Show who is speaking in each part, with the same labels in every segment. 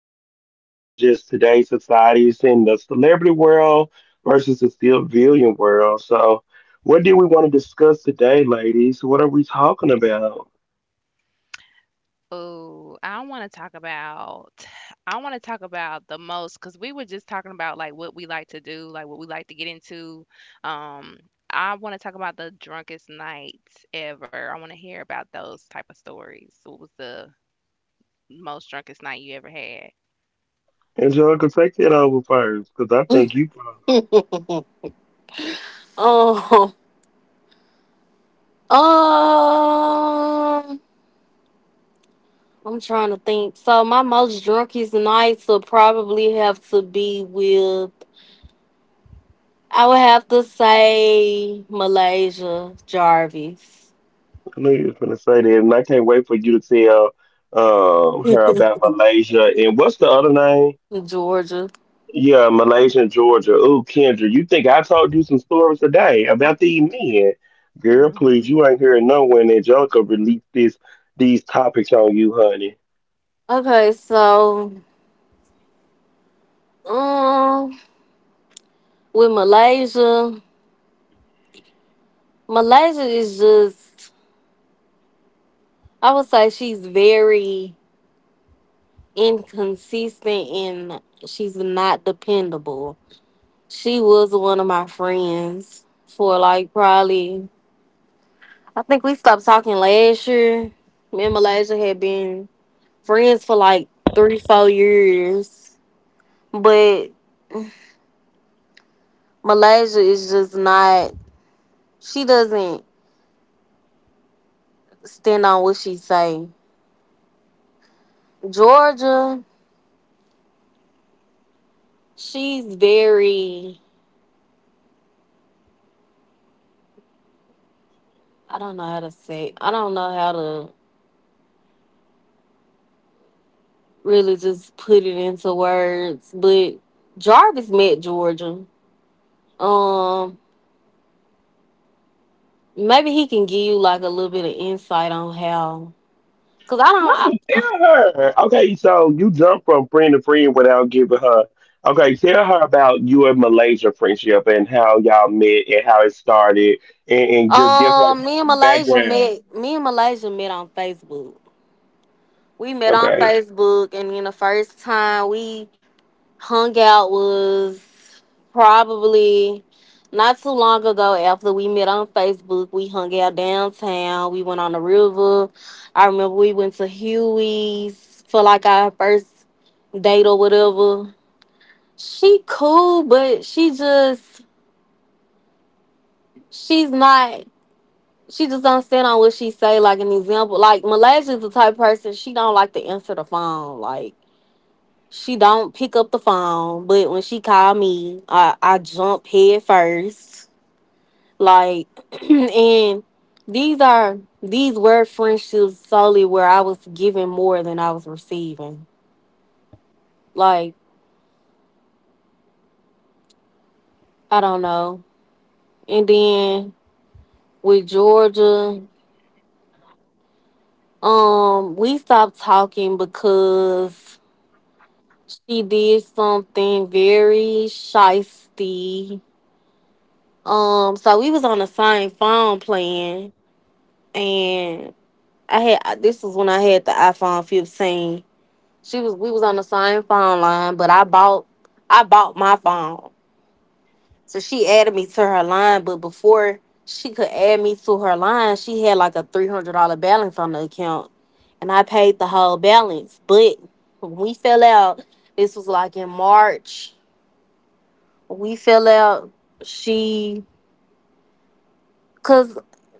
Speaker 1: Great knowledge about just today's societies in the celebrity world versus the civilian world. So, what do we want to discuss today, ladies? What are we talking about?
Speaker 2: Oh, I wanna talk about I wanna talk about the most because we were just talking about, like, what we like to do, like, what we like to get into. Um, I wanna talk about the drunkest nights ever. I wanna hear about those type of stories. What was the most drunkest night you ever had?
Speaker 1: Angelica, take that over first, because I think you. Probably,
Speaker 3: Um, um, I'm trying to think. So my most drunkest nights will probably have to be with. I would have to say Malaysia, Jarvis,
Speaker 1: I know you was gonna say that, and I can't wait for you to tell her about Malaysia and what's the other name?
Speaker 3: Georgia.
Speaker 1: Yeah, Malaysia and Georgia. Ooh, Kendra, you think I told you some stories today about these men? Girl,
Speaker 2: Mhm.
Speaker 1: please, you ain't hearing no when Angelica released this these topics on you, honey.
Speaker 3: Okay, so um, with Malaysia, Malaysia is just. I would say she's very inconsistent and she's not dependable. She was one of my friends for like probably, I think we stopped talking last year. Me and Malaysia had been friends for like three, 4 years. But Malaysia is just not, she doesn't stand on what she say. Georgia, she's very, I don't know how to say it. I don't know how to really just put it into words, but Jarvis met Georgia. Um, Maybe he can give you like a little bit of insight on how. Cause I
Speaker 1: No,
Speaker 3: don't.
Speaker 1: tell her. Okay, so you jump from friend to friend without giving her. Okay, tell her about your Malaysia friendship and how y'all met and how it started and just give her
Speaker 3: Me and Malaysia
Speaker 1: background.
Speaker 3: met. Me and Malaysia met on Facebook. We met on
Speaker 1: Okay,
Speaker 3: Facebook, and then the first time we hung out was probably not too long ago. After we met on Facebook, we hung out downtown. We went on the river. I remember we went to Huey's for like our first date or whatever. She cool, but she's not she just don't stand on what she say, like an example, like Malaysia's the type of person, she don't like to answer the phone, like she don't pick up the phone, but when she call me I jump head first, like and these were friendships solely where I was giving more than I was receiving. Like I don't know. And then with Georgia, we stopped talking because she did something very shisty. So we was on the same phone playing, and I had this was when I had the iPhone 15. She was we was on the same phone line, but I bought my phone, so she added me to her line. But before she could add me to her line, she had like a $300 balance on the account, and I paid the whole balance. But when we fell out, this was like in March. We fell out. She, cause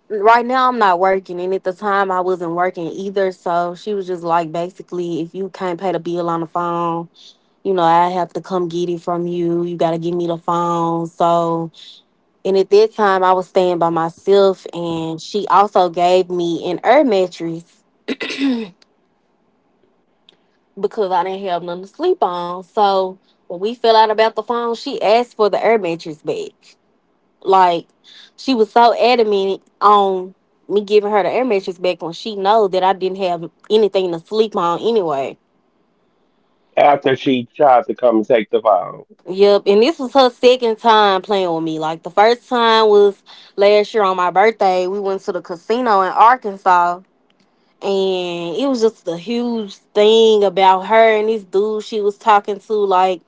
Speaker 3: right now I'm not working, and at the time I wasn't working either. So she was just like, basically, if you can't pay the bill on the phone, I have to come get it from you. You gotta give me the phone. So, and at that time I was staying by myself, and she also gave me an air mattress because I didn't have nothing to sleep on. So when we fell out about the phone, she asked for the air mattress back. Like she was so adamant on me giving her the air mattress back when she know that I didn't have anything to sleep on anyway.
Speaker 1: after she tried to come and take the phone.
Speaker 3: Yep, and this was her second time playing with me. Like the first time was last year on my birthday. We went to the casino in Arkansas, and it was just a huge thing about her and this dude she was talking to. Like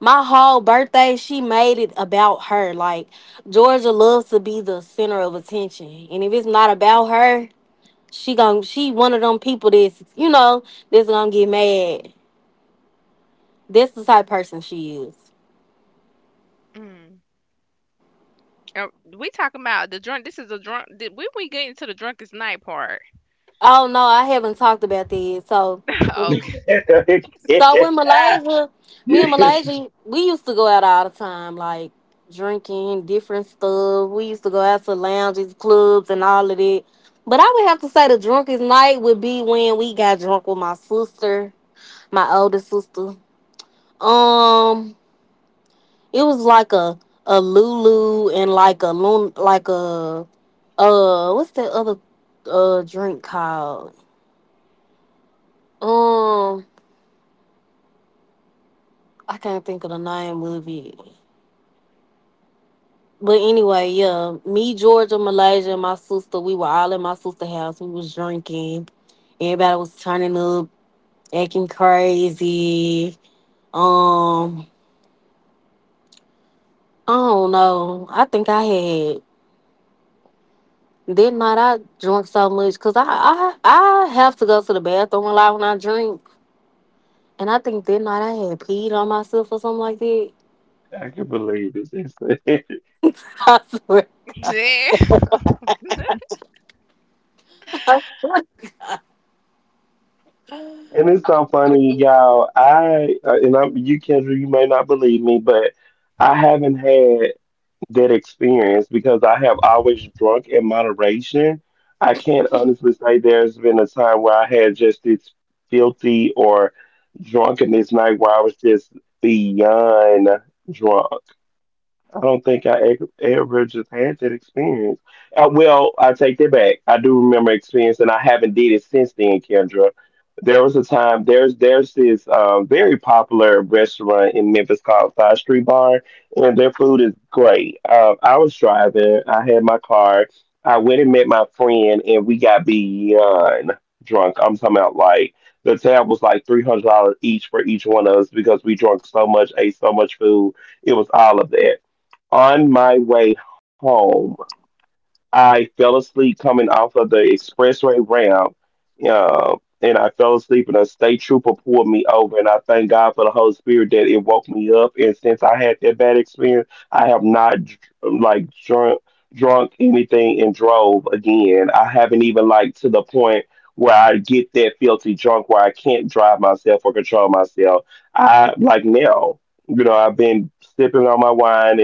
Speaker 3: my whole birthday, she made it about her. Like Georgia loves to be the center of attention. And if it's not about her, she one of them people that's you know that's gonna get mad. That's the type of person she is.
Speaker 2: Mm. Oh, we talking about the drunk this is a drunk did when we get into the drunkest night part?
Speaker 3: Oh no, I haven't talked about that. So
Speaker 2: Okay.
Speaker 3: so in Malaysia, me and Malaysia, we used to go out all the time, like drinking different stuff. We used to go out to lounges, clubs, and all of that. But I would have to say the drunkest night would be when we got drunk with my sister, my older sister. Um, It was like a Lulu and like a Lun like a what's that other drink called? Um, I can't think of the name of it. But anyway, yeah, me, Georgia, Malaysia, and my sister, we were all in my sister's house. We was drinking. Everybody was turning up, acting crazy. Um, I don't know. I think I had Then night I drunk so much because I have to go to the bathroom a lot when I drink. And I think that night I had peed on myself or something like that.
Speaker 1: I can believe it. It's-
Speaker 3: I swear.
Speaker 1: And it's so funny, y'all. I and I'm you, Kendra. You may not believe me, but I haven't had that experience because I have always drunk in moderation. I can't honestly say there's been a time where I had just this filthy or drunkenness night where I was just beyond drunk. I don't think I ever, ever just had that experience. Well, I take that back. I do remember experience, and I haven't did it since then, Kendra. There was a time. There's this very popular restaurant in Memphis called Side Street Bar, and their food is great. I was driving. I had my car. I went and met my friend, and we got beyond drunk. I'm talking about like the tab was like $300 each for each one of us because we drank so much, ate so much food. It was all of that. On my way home, I fell asleep coming off of the expressway ramp, and I fell asleep, and a state trooper pulled me over, and I thank God for the Holy Spirit that it woke me up. And since I had that bad experience, I have not dr- like drunk drunk anything and drove again. I haven't even like to the point where I get that filthy drunk where I can't drive myself or control myself. I like now, you know, I've been sipping on my wine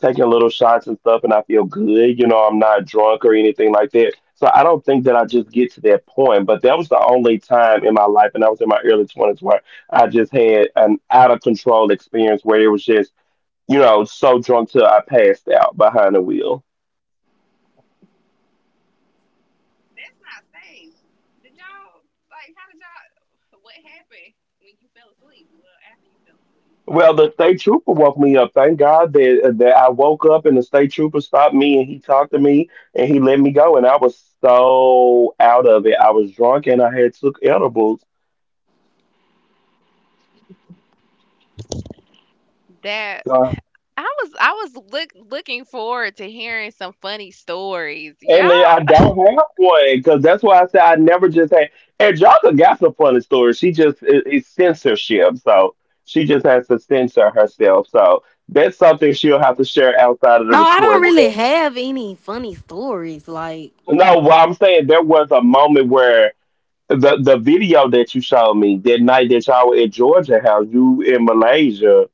Speaker 1: taking little shots and stuff and I feel good, you know, I'm not drunk or anything like that. So I don't think that I just get to that point, but that was the only time in my life and I was in my early 20s where I just had an out of control experience where it was just, you know, so drunk till I passed out behind the wheel.
Speaker 2: That's not safe. Did y'all like? How did y'all? What happened when you fell asleep? Well, after you fell asleep.
Speaker 1: Well, the state trooper woke me up. Thank God that that I woke up and the state trooper stopped me and he talked to me and he let me go and I was so out of it. I was drunk and I had took edibles.
Speaker 2: That
Speaker 1: Uh,
Speaker 2: I was looking forward to hearing some funny stories.
Speaker 1: And
Speaker 2: Y'all,
Speaker 1: then I don't have one because that's why I said I never just had. And Jaka got some funny stories. She just it's censorship, so she just has to censor herself. So that's something she'll have to share outside of the
Speaker 4: No, I don't
Speaker 1: recording.
Speaker 4: really have any funny stories. Like,
Speaker 1: No, what I'm saying there was a moment where the video that you showed me that night that y'all were at Georgia House, you in Malaysia,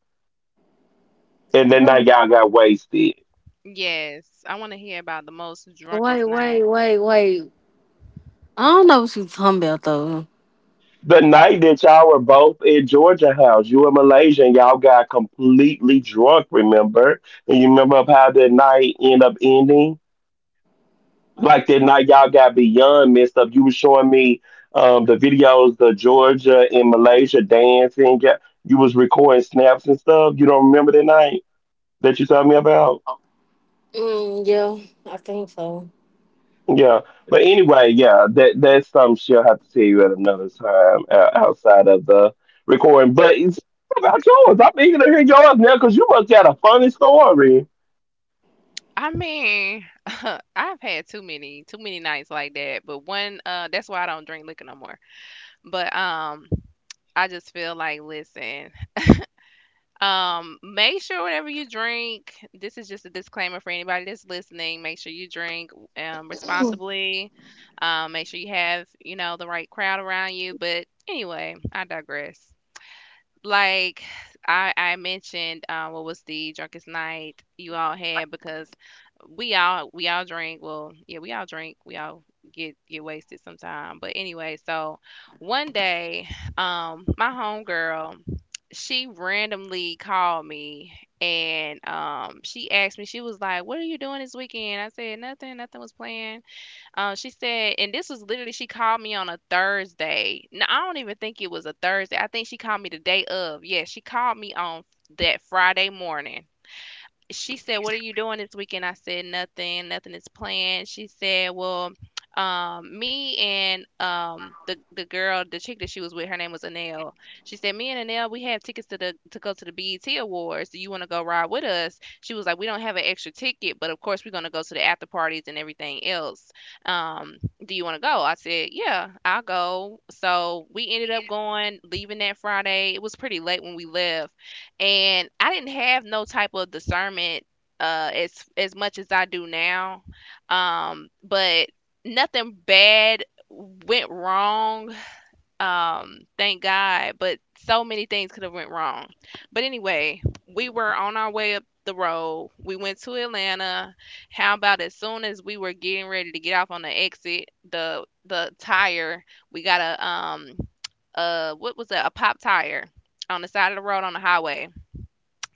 Speaker 1: and then
Speaker 4: what?
Speaker 1: night y'all got wasted.
Speaker 2: yes, I want to hear about the most
Speaker 4: Wait,
Speaker 2: drunkest
Speaker 4: wait,
Speaker 2: night.
Speaker 4: wait, wait. I don't know what you talking about though.
Speaker 1: The night that y'all were both at Georgia House, you in Malaysia, and y'all got completely drunk, remember? And you remember how that night ended up ending? Like that night y'all got beyond messed up. You were showing me the videos, the Georgia and Malaysia dancing. Yeah, you was recording snaps and stuff. You don't remember that night that you told me about?
Speaker 4: Mm, yeah, I think so.
Speaker 1: Yeah, but anyway, yeah, that that's something she'll have to tell you at another time outside of the recording. But it's about yours. I'm eager to hear yours now because you must got a funny story.
Speaker 2: I mean, I've had too many nights like that, but one that's why I don't drink liquor no more. But I just feel like listen, make sure whenever you drink, this is just a disclaimer for anybody that's listening. Make sure you drink responsibly. Make sure you have, you know, the right crowd around you. But anyway, I digress like I mentioned, what was the drunkest night you all had? Because we all drink. Well, yeah, we all drink. We all get wasted sometime. But anyway, so one day, my homegirl, she randomly called me, and she asked me, she was like, "What are you doing this weekend?" I said, "Nothing, nothing was planned." She said, and this was literally, she called me on a Thursday. No, I don't even think it was a Thursday. I think she called me the day of. Yeah, she called me on that Friday morning. She said, "What are you doing this weekend?" I said, "Nothing. Nothing is planned." She said, "Well, me and the girl, the chick that she was with, her name was Anel." She said, "Me and Anel, we have tickets to the to go to the BET Awards. Do you want to go ride with us?" She was like, "We don't have an extra ticket, but of course we're gonna go to the after parties and everything else. Um, do you want to go?" I said, "Yeah, I'll go." So we ended up going, leaving that Friday. It was pretty late when we left, and I didn't have no type of discernment as much as I do now. But nothing bad went wrong. Thank God, but so many things could have went wrong. But anyway, we were on our way up the road. We went to Atlanta. How about as soon as we were getting ready to get off on the exit, the tire, we got a what was that? A pop tire on the side of the road on the highway.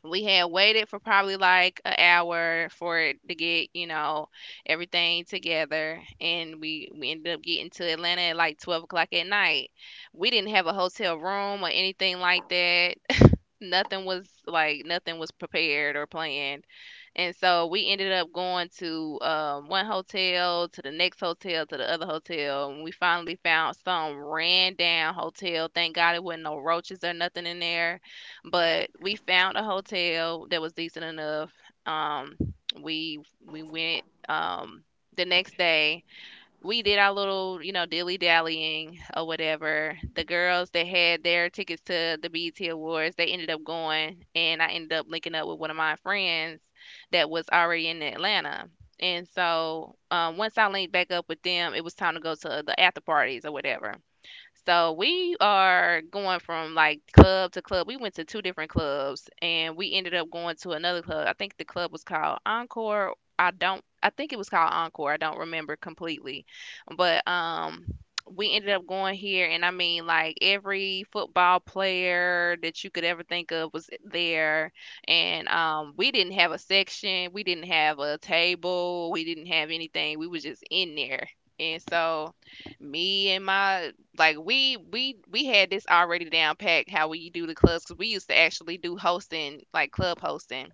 Speaker 2: We had waited for probably like an hour for it to get, you know, everything together, and we ended up getting to Atlanta at like 12 o'clock at night. We didn't have a hotel room or anything like that. Nothing was like, nothing was prepared or planned. And so we ended up going to, one hotel, to the next hotel, to the other hotel. And we finally found some ran down hotel. Thank God it wasn't no roaches or nothing in there. But we found a hotel that was decent enough. Um, we we went, the next day we did our little, you know, dilly dallying or whatever. The girls that had their tickets to the BET Awards, they ended up going, and I ended up linking up with one of my friends that was already in Atlanta. And so once I linked back up with them, it was time to go to the after parties or whatever. So we are going from like club to club. We went to two different clubs and we ended up going to another club. I think the club was called Encore. I don't I think it was called Encore. I don't remember completely. But we ended up going here, and I mean, like every football player that you could ever think of was there. And we didn't have a section, we didn't have a table, we didn't have anything. We was just in there. And so me and my like we had this already down packed how we do the clubs, because we used to actually do hosting, like club hosting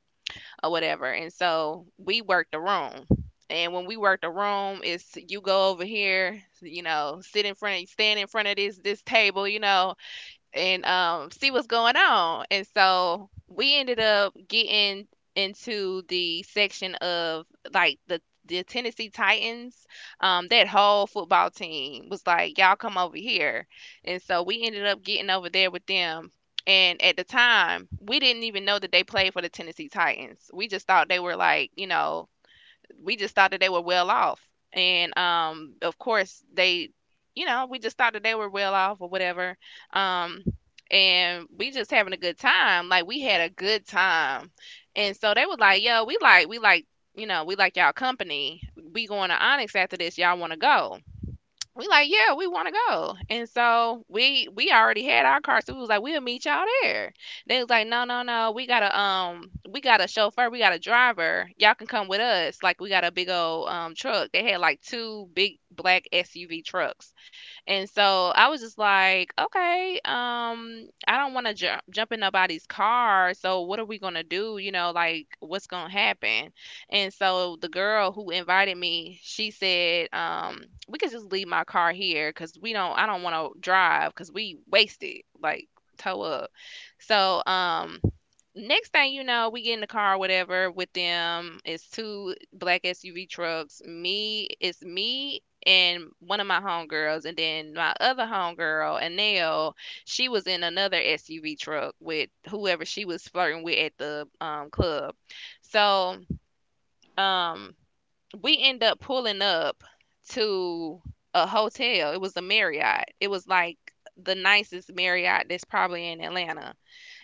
Speaker 2: or whatever. And so we worked the room, and when we worked the room, it's you go over here, you know, sit in front, stand in front of this table, you know, and see what's going on. And so we ended up getting into the section of like the Tennessee Titans. That whole football team was like, "Y'all come over here." And so we ended up getting over there with them. And at the time, we didn't even know that they played for the Tennessee Titans. We just thought they were, like, you know, we just thought that they were well off. And of course, they, you know, we just thought that they were well off or whatever. Um, and we just having a good time. Like, we had a good time. And so they was like, "Yo, we like, you know, we like y'all company. We going to Onyx after this. Y'all want to go?" We like, "Yeah, we want to go." And so we already had our car, so we was like, "We'll meet y'all there." They was like, "No, no, no, we got a chauffeur, we got a driver. Y'all can come with us. Like we got a big old truck." They had like two big black SUV trucks, and so I was just like, "Okay, I don't want to jump in nobody's car. So what are we gonna do? You know, like what's gonna happen?" And so the girl who invited me, she said, "We could just leave my car here because we don't. I don't want to drive because we wasted like tow up." So next thing you know, we get in the car, whatever, with them. It's two black SUV trucks. Me, it's me and one of my homegirls, and then my other homegirl, Anel. She was in another SUV truck with whoever she was flirting with at the club. So um we end up pulling up to a hotel. It was a Marriott. It was like the nicest Marriott that's probably in Atlanta,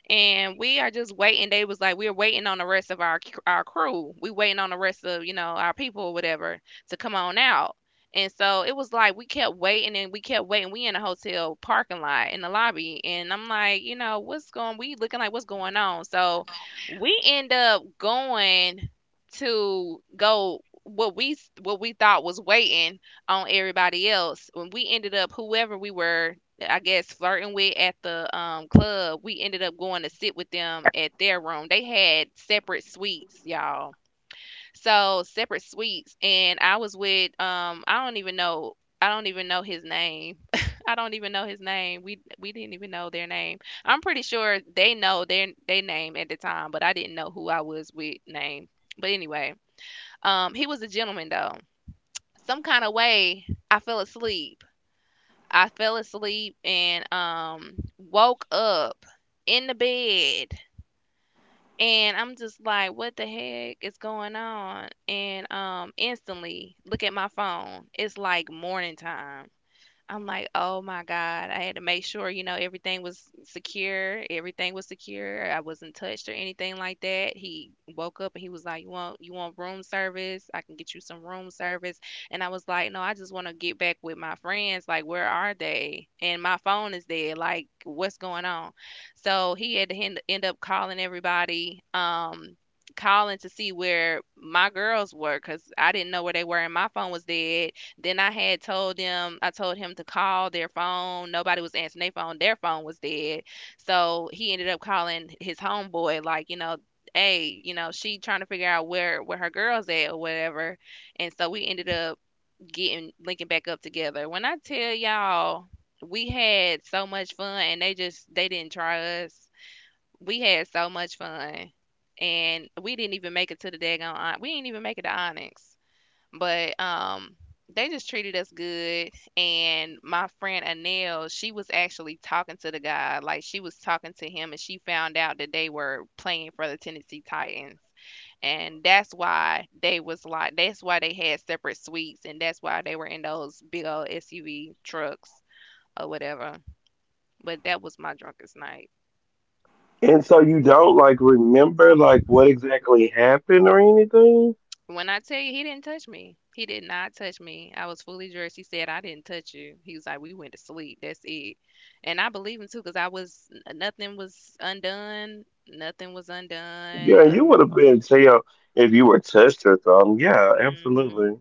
Speaker 2: and we are just waiting. They was like, "We're waiting on the rest of our crew. We waiting on the rest of, you know, our people or whatever, to come on out." And so it was like, we kept waiting and we kept waiting. We in a hotel parking lot in the lobby, and I'm like, you know, what's going? We looking like, what's going on? So we end up going to go what we thought was waiting on everybody else, when we ended up, whoever we were, I guess, flirting with at the club, we ended up going to sit with them at their room. They had separate suites, y'all. So separate suites, and I was with I don't even know his name. I don't even know his name. We didn't even know their name. I'm pretty sure they know their name at the time, but I didn't know who I was with name. But anyway, he was a gentleman though. Some kind of way I fell asleep I fell asleep, and woke up in the bed, and I'm just like, what the heck is going on? And instantly look at my phone. It's like morning time. I'm like, "Oh my God." I had to make sure, you know, everything was secure. Everything was secure. I wasn't touched or anything like that. He woke up and he was like, you want room service? I can get you some room service." And I was like, "No, I just want to get back with my friends. Like, where are they?" And my phone is dead. Like, what's going on? So he had to end up calling everybody. Calling to see where my girls were, because I didn't know where they were and my phone was dead. Then I told him to call their phone. Nobody was answering their phone. Their phone was dead. So he ended up calling his homeboy, like, "You know, hey, you know, she trying to figure out where her girl's at or whatever." And so we ended up getting linking back up together. When I tell y'all, we had so much fun and they just they didn't try us. We had so much fun. And we didn't even make it to the daggone on. We didn't even make it to Onyx. But they just treated us good, and my friend Anel, she was actually talking to the guy. Like, she was talking to him, and she found out that they were playing for the Tennessee Titans. And that's why they was like, that's why they had separate suites, and that's why they were in those big old SUV trucks or whatever. But that was my drunkest night.
Speaker 1: And so you don't like remember like what exactly happened or anything?
Speaker 2: When I tell you, he didn't touch me. He did not touch me. I was fully dressed. He said, "I didn't touch you." He was like, "We went to sleep. That's it." And I believe him too, cause I was, nothing was undone. Nothing was undone.
Speaker 1: Yeah, you would have
Speaker 2: Nothing.
Speaker 1: been jail if you were touched or something. Yeah,
Speaker 2: Mhm.
Speaker 1: absolutely.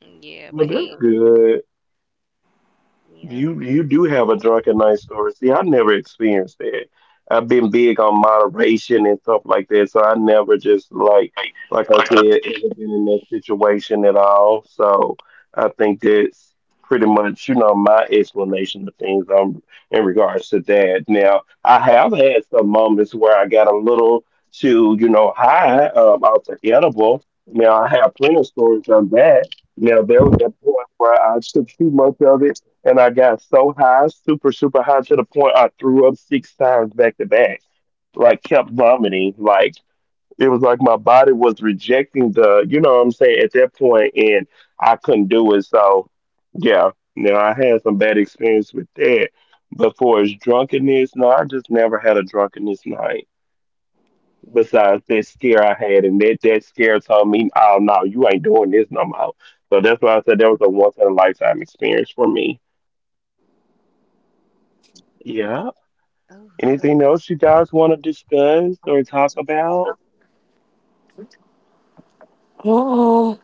Speaker 2: Yeah, but
Speaker 1: Well, that's
Speaker 2: he.
Speaker 1: good.
Speaker 2: Yeah.
Speaker 1: You do have a drunken night story. See, I never experienced that. I've been big on moderation and stuff like that, so I never just like I
Speaker 4: Like
Speaker 1: said,
Speaker 4: a
Speaker 1: ever been in that situation at all. So I think that's pretty much, you know, my explanation of things in regards to that. Now, I have had some moments where I got a little too, you know, high off the edible. Now I have plenty of stories of that. Now there was that point where I took too much of it and I got so high, super, super high to the point I threw up six times back to back. Like kept vomiting. Like it was like my body was rejecting the, you know what I'm saying, at that point and I couldn't do it. So yeah. Now I had some bad experience with that. But for as drunkenness, no, I just never had a drunkenness night. Besides that scare I had and that scare told me, oh no, you ain't doing this no more. So that's why I said that was a once in a lifetime experience for me. Yeah. Anything else you guys want to discuss or talk about?
Speaker 4: oh,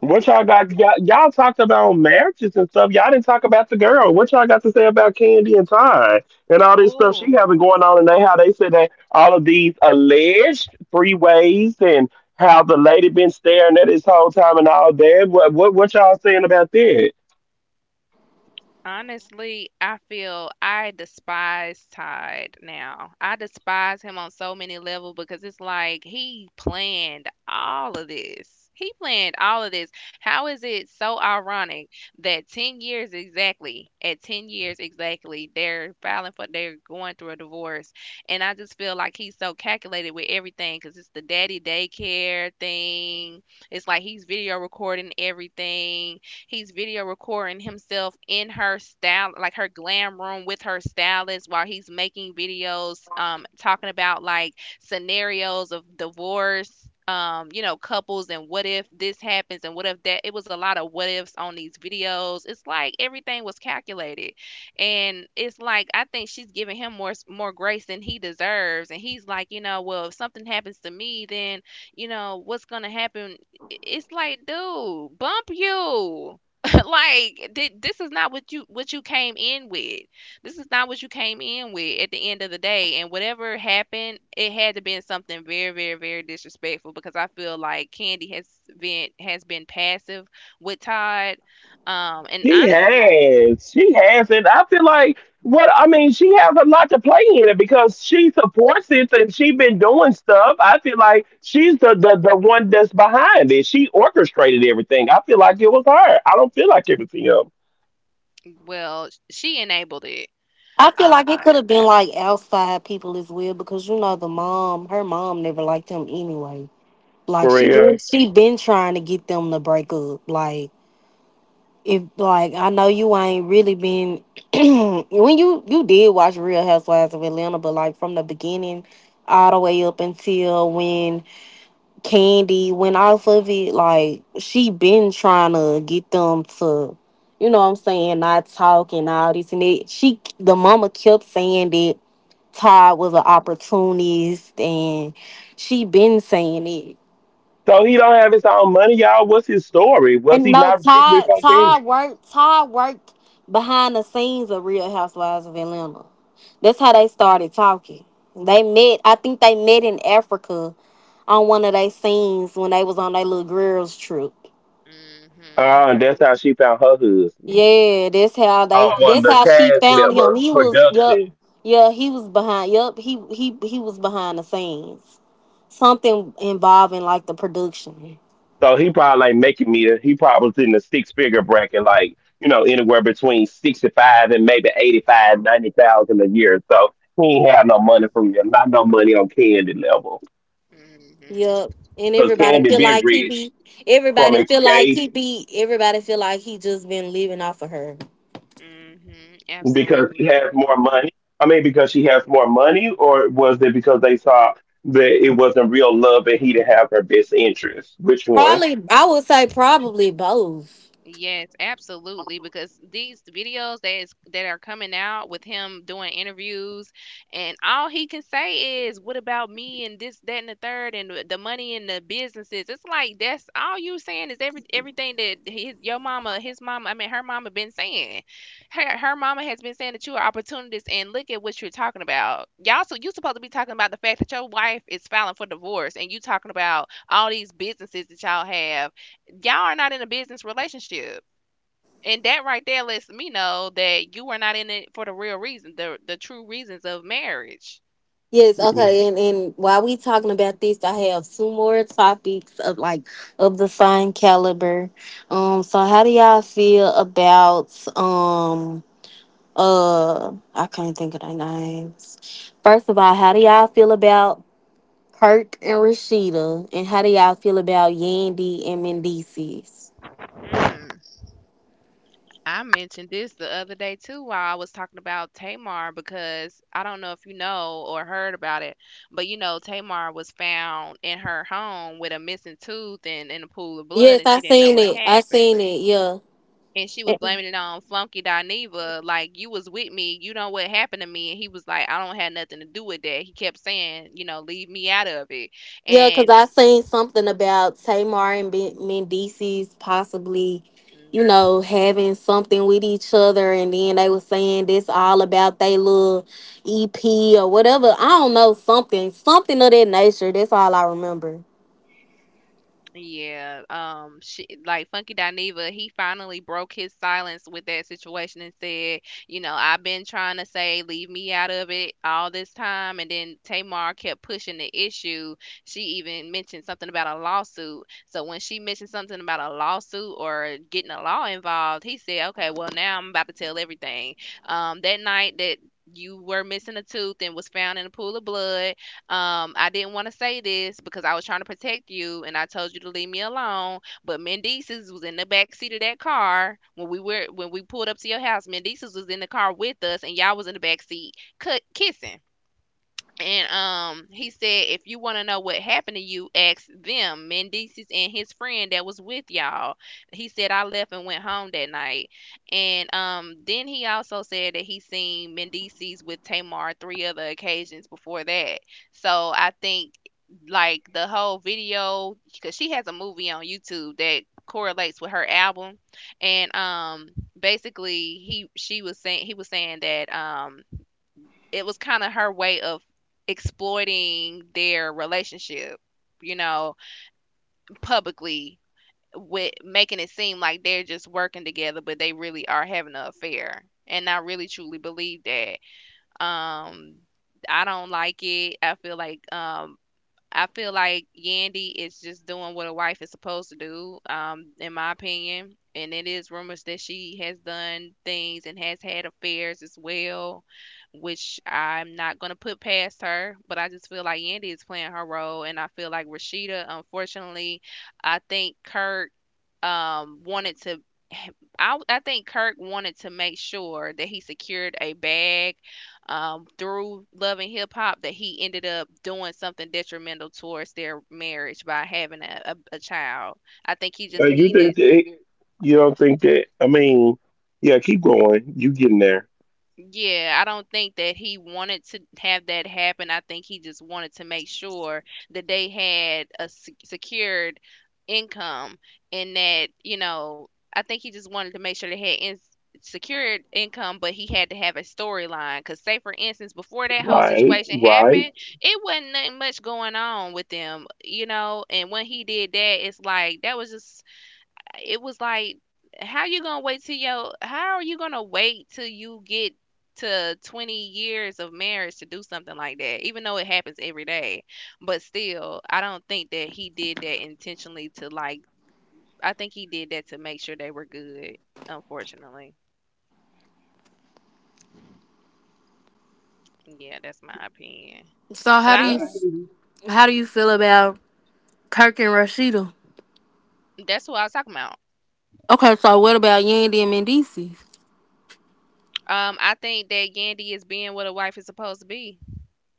Speaker 1: What y'all got? Y'all, y'all talked about marriages and stuff. Y'all didn't talk about the girl. What y'all got to say about Candy and Ty and all this stuff she
Speaker 2: Oh.
Speaker 1: having going on and they how they said that all of these alleged three ways and how the lady been staring at this whole time and all that. What y'all saying about that?
Speaker 2: Honestly, I feel I despise Tide now. I despise him on so many levels because it's like he planned all of this. He planned all of this. How is it so ironic that 10 years exactly, at 10 years exactly, they're they're going through a divorce. And I just feel like he's so calculated with everything, because it's the daddy daycare thing. It's like he's video recording everything. He's video recording himself in her style, like her glam room with her stylist, while he's making videos, talking about like scenarios of divorce. You know, couples and what if this happens and what if that. It was a lot of what ifs on these videos. It's like everything was calculated, and it's like I think she's giving him more grace than he deserves. And he's like, you know, well, if something happens to me, then you know what's gonna happen. It's like, dude, bump you. Like this is not what you came in with. This is not what you came in with at the end of the day, and whatever happened, it had to been something very, very, very disrespectful, because I feel like Candy has been passive with Todd. And
Speaker 1: She
Speaker 2: honestly,
Speaker 1: has. She has. And I feel like what I mean, she has a lot to play in it because she supports it and she been doing stuff. I feel like she's the one that's behind it. She orchestrated everything. I feel like it was her. I don't feel like everything else.
Speaker 2: well, she enabled it,
Speaker 4: I feel
Speaker 2: I'll
Speaker 4: like it could
Speaker 2: say.
Speaker 4: have been like outside people as well because you know her mom never liked him anyway. Like
Speaker 1: For
Speaker 4: she
Speaker 1: real.
Speaker 4: been, she been trying to get them to break up. Like. If like I know you ain't really been when you did watch Real Housewives of Atlanta, but like from the beginning all the way up until when Candy went off of it, like she been trying to get them to, you know what I'm saying, not talk and all this and that. She the mama kept saying that Todd was an opportunist and she been saying it.
Speaker 1: So he don't have his own money, y'all. What's his story? Was
Speaker 4: And
Speaker 1: he
Speaker 4: no,
Speaker 1: not rich
Speaker 4: Todd,
Speaker 1: before then?
Speaker 4: Todd worked, Todd worked behind the scenes of Real Housewives of Atlanta. That's how they started talking. I think they met in Africa on one of their scenes when they was on their little girls trip.
Speaker 2: Mm-hmm
Speaker 1: That's how she found her husband.
Speaker 4: Yeah,
Speaker 1: One of
Speaker 4: that's
Speaker 1: the
Speaker 4: how she
Speaker 1: cast
Speaker 4: found him.
Speaker 1: member
Speaker 4: He was, yup,
Speaker 1: production.
Speaker 4: yeah, he was behind, yup, he was behind the scenes. Something involving like the production.
Speaker 1: So he probably like making me. He probably was in the six figure bracket, like you know, anywhere between sixty five and maybe eighty five, 90,000 a year. So he ain't have no money from you, not no money on Candy level,
Speaker 2: mm-hmm
Speaker 4: Yep. And
Speaker 1: because
Speaker 4: everybody
Speaker 1: Candy
Speaker 4: feel
Speaker 1: been
Speaker 4: like he
Speaker 1: rich
Speaker 4: be
Speaker 1: from
Speaker 4: everybody feel like he
Speaker 1: Escape
Speaker 4: be everybody feel like he just been living off of her.
Speaker 2: mm-hmm
Speaker 1: because he
Speaker 2: absolutely.
Speaker 1: has more money. I mean, because she has more money, or was it because they saw that it wasn't real love and he didn't have her best interest? Which one?
Speaker 4: Probably I would say probably both.
Speaker 2: Yes, absolutely. Because these videos that are coming out with him doing interviews, and all he can say is, "What about me?" and this, that, and the third, and the money and the businesses. It's like that's all you saying, is everything that his, your mama, his mama, I mean her mama, been saying. Her mama has been saying that you are opportunities, and look at what you're talking about. Y'all, so you supposed to be talking about the fact that your wife is filing for divorce, and you talking about all these businesses that y'all have. Y'all are not in a business relationship. And that right there lets me know that you are not in it for the real reason, the true reasons of marriage.
Speaker 4: Yes,
Speaker 1: Uh,
Speaker 4: okay, and while we talking about this, I have two more topics of the same caliber. So how do y'all feel about I can't think of their names. First of all, how do y'all feel about Kirk and Rashida, and how do y'all feel about Yandy and Mendices?
Speaker 2: Hmm. I mentioned this the other day too while I was talking about Tamar, because I don't know if you know or heard about it, but you know Tamar was found in her home with a missing tooth and in a pool of blood,
Speaker 4: Yes,
Speaker 2: and
Speaker 4: I
Speaker 2: she didn't know
Speaker 4: seen
Speaker 2: what
Speaker 4: it. I
Speaker 2: happened.
Speaker 4: seen it. Yeah.
Speaker 2: And she was
Speaker 4: And-
Speaker 2: blaming it on Flunky Dineva. Like, you was with me, you know what happened to me. And he was like, I don't have nothing to do with that. He kept saying, you know, leave me out of it.
Speaker 4: yeah, because
Speaker 2: And
Speaker 4: I seen something about Tamar and Mendices possibly, you know,
Speaker 2: Mhm.
Speaker 4: having something with each other, and then they were saying this all about they little EP or whatever. I don't know something of that nature. That's all I remember.
Speaker 2: Yeah, she like Funky Dineva, he finally broke his silence with that situation and said, you know, I've been trying to say leave me out of it all this time, and then Tamar kept pushing the issue. She even mentioned something about a lawsuit. So when she mentioned something about a lawsuit or getting a law involved, he said, okay, well, now I'm about to tell everything. That night that you were missing a tooth and was found in a pool of blood, I didn't want to say this because I was trying to protect you, and I told you to leave me alone. But Mendices was in the back seat of that car when we were when we pulled up to your house. Mendices was in the car with us, and y'all was in the back seat kissing. And he said, if you want to know what happened to you, ask them, Mendices and his friend that was with y'all. He said, I left and went home that night. And then he also said that he seen Mendices with Tamar three other occasions before that. So I think like the whole video, because she has a movie on YouTube that correlates with her album, and basically he she was saying he was saying that it was kind of her way of exploiting their relationship, you know, publicly, with making it seem like they're just working together, but they really are having an affair. And I really truly believe that. Um, I don't like it. I feel like Yandy is just doing what a wife is supposed to do, in my opinion. And it is rumors that she has done things and has had affairs as well, which I'm not gonna put past her. But I just feel like Yandy is playing her role, and I feel like Rashida, unfortunately, I think Kirk um wanted to I think Kirk wanted to make sure that he secured a bag through Love and Hip Hop, that he ended up doing something detrimental towards their marriage by having a child. I think he just
Speaker 1: you
Speaker 2: needed.
Speaker 1: think that? You don't think that? I mean, yeah, keep going. You getting there?
Speaker 2: Yeah, I don't think that he wanted to have that happen. I think he just wanted to make sure that they had a secured income and that, you know, I think he just wanted to make sure they had in- secured income, but he had to have a storyline. Because, say, for instance, before that whole
Speaker 1: Right,
Speaker 2: situation
Speaker 1: right.
Speaker 2: happened, it wasn't nothing much going on with them, you know? And when he did that, it's like that was just, it was like, how are you gonna wait till you get to 20 years of marriage to do something like that, even though it happens every day? But still, I don't think that he did that intentionally to like, I think he did that to make sure they were good. Unfortunately, yeah, that's my opinion.
Speaker 4: So
Speaker 2: but
Speaker 1: Uh,
Speaker 2: i like
Speaker 4: how do you feel about Kirk and Rashida?
Speaker 2: that's what I was talking about.
Speaker 4: Okay, so what about Yandy and Mendices?
Speaker 2: I think that Yandy is being what a wife is supposed to be.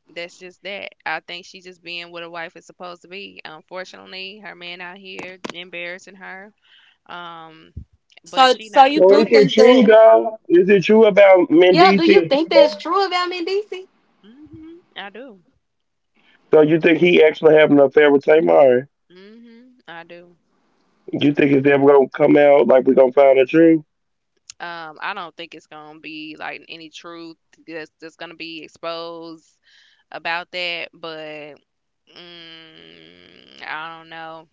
Speaker 2: That's just that. I think she's just being what a wife is supposed to be. Unfortunately, her man out here embarrassing her. Um,
Speaker 4: So,
Speaker 2: but she
Speaker 4: so
Speaker 2: not.
Speaker 4: you
Speaker 1: So is
Speaker 4: do
Speaker 1: it
Speaker 4: think
Speaker 1: true
Speaker 4: that?
Speaker 1: dog? Is it true about
Speaker 4: Yeah, do you
Speaker 1: Mendici and
Speaker 4: think that's
Speaker 1: Tamar?
Speaker 4: true about me, DC?
Speaker 2: Hmm, I do.
Speaker 1: So you think he actually having an affair with Tamar?
Speaker 2: Hmm, I do.
Speaker 1: You think it's ever gonna come out like we gonna find the truth?
Speaker 2: I don't think it's gonna be like any truth that's gonna be exposed about that. But mm, I don't know.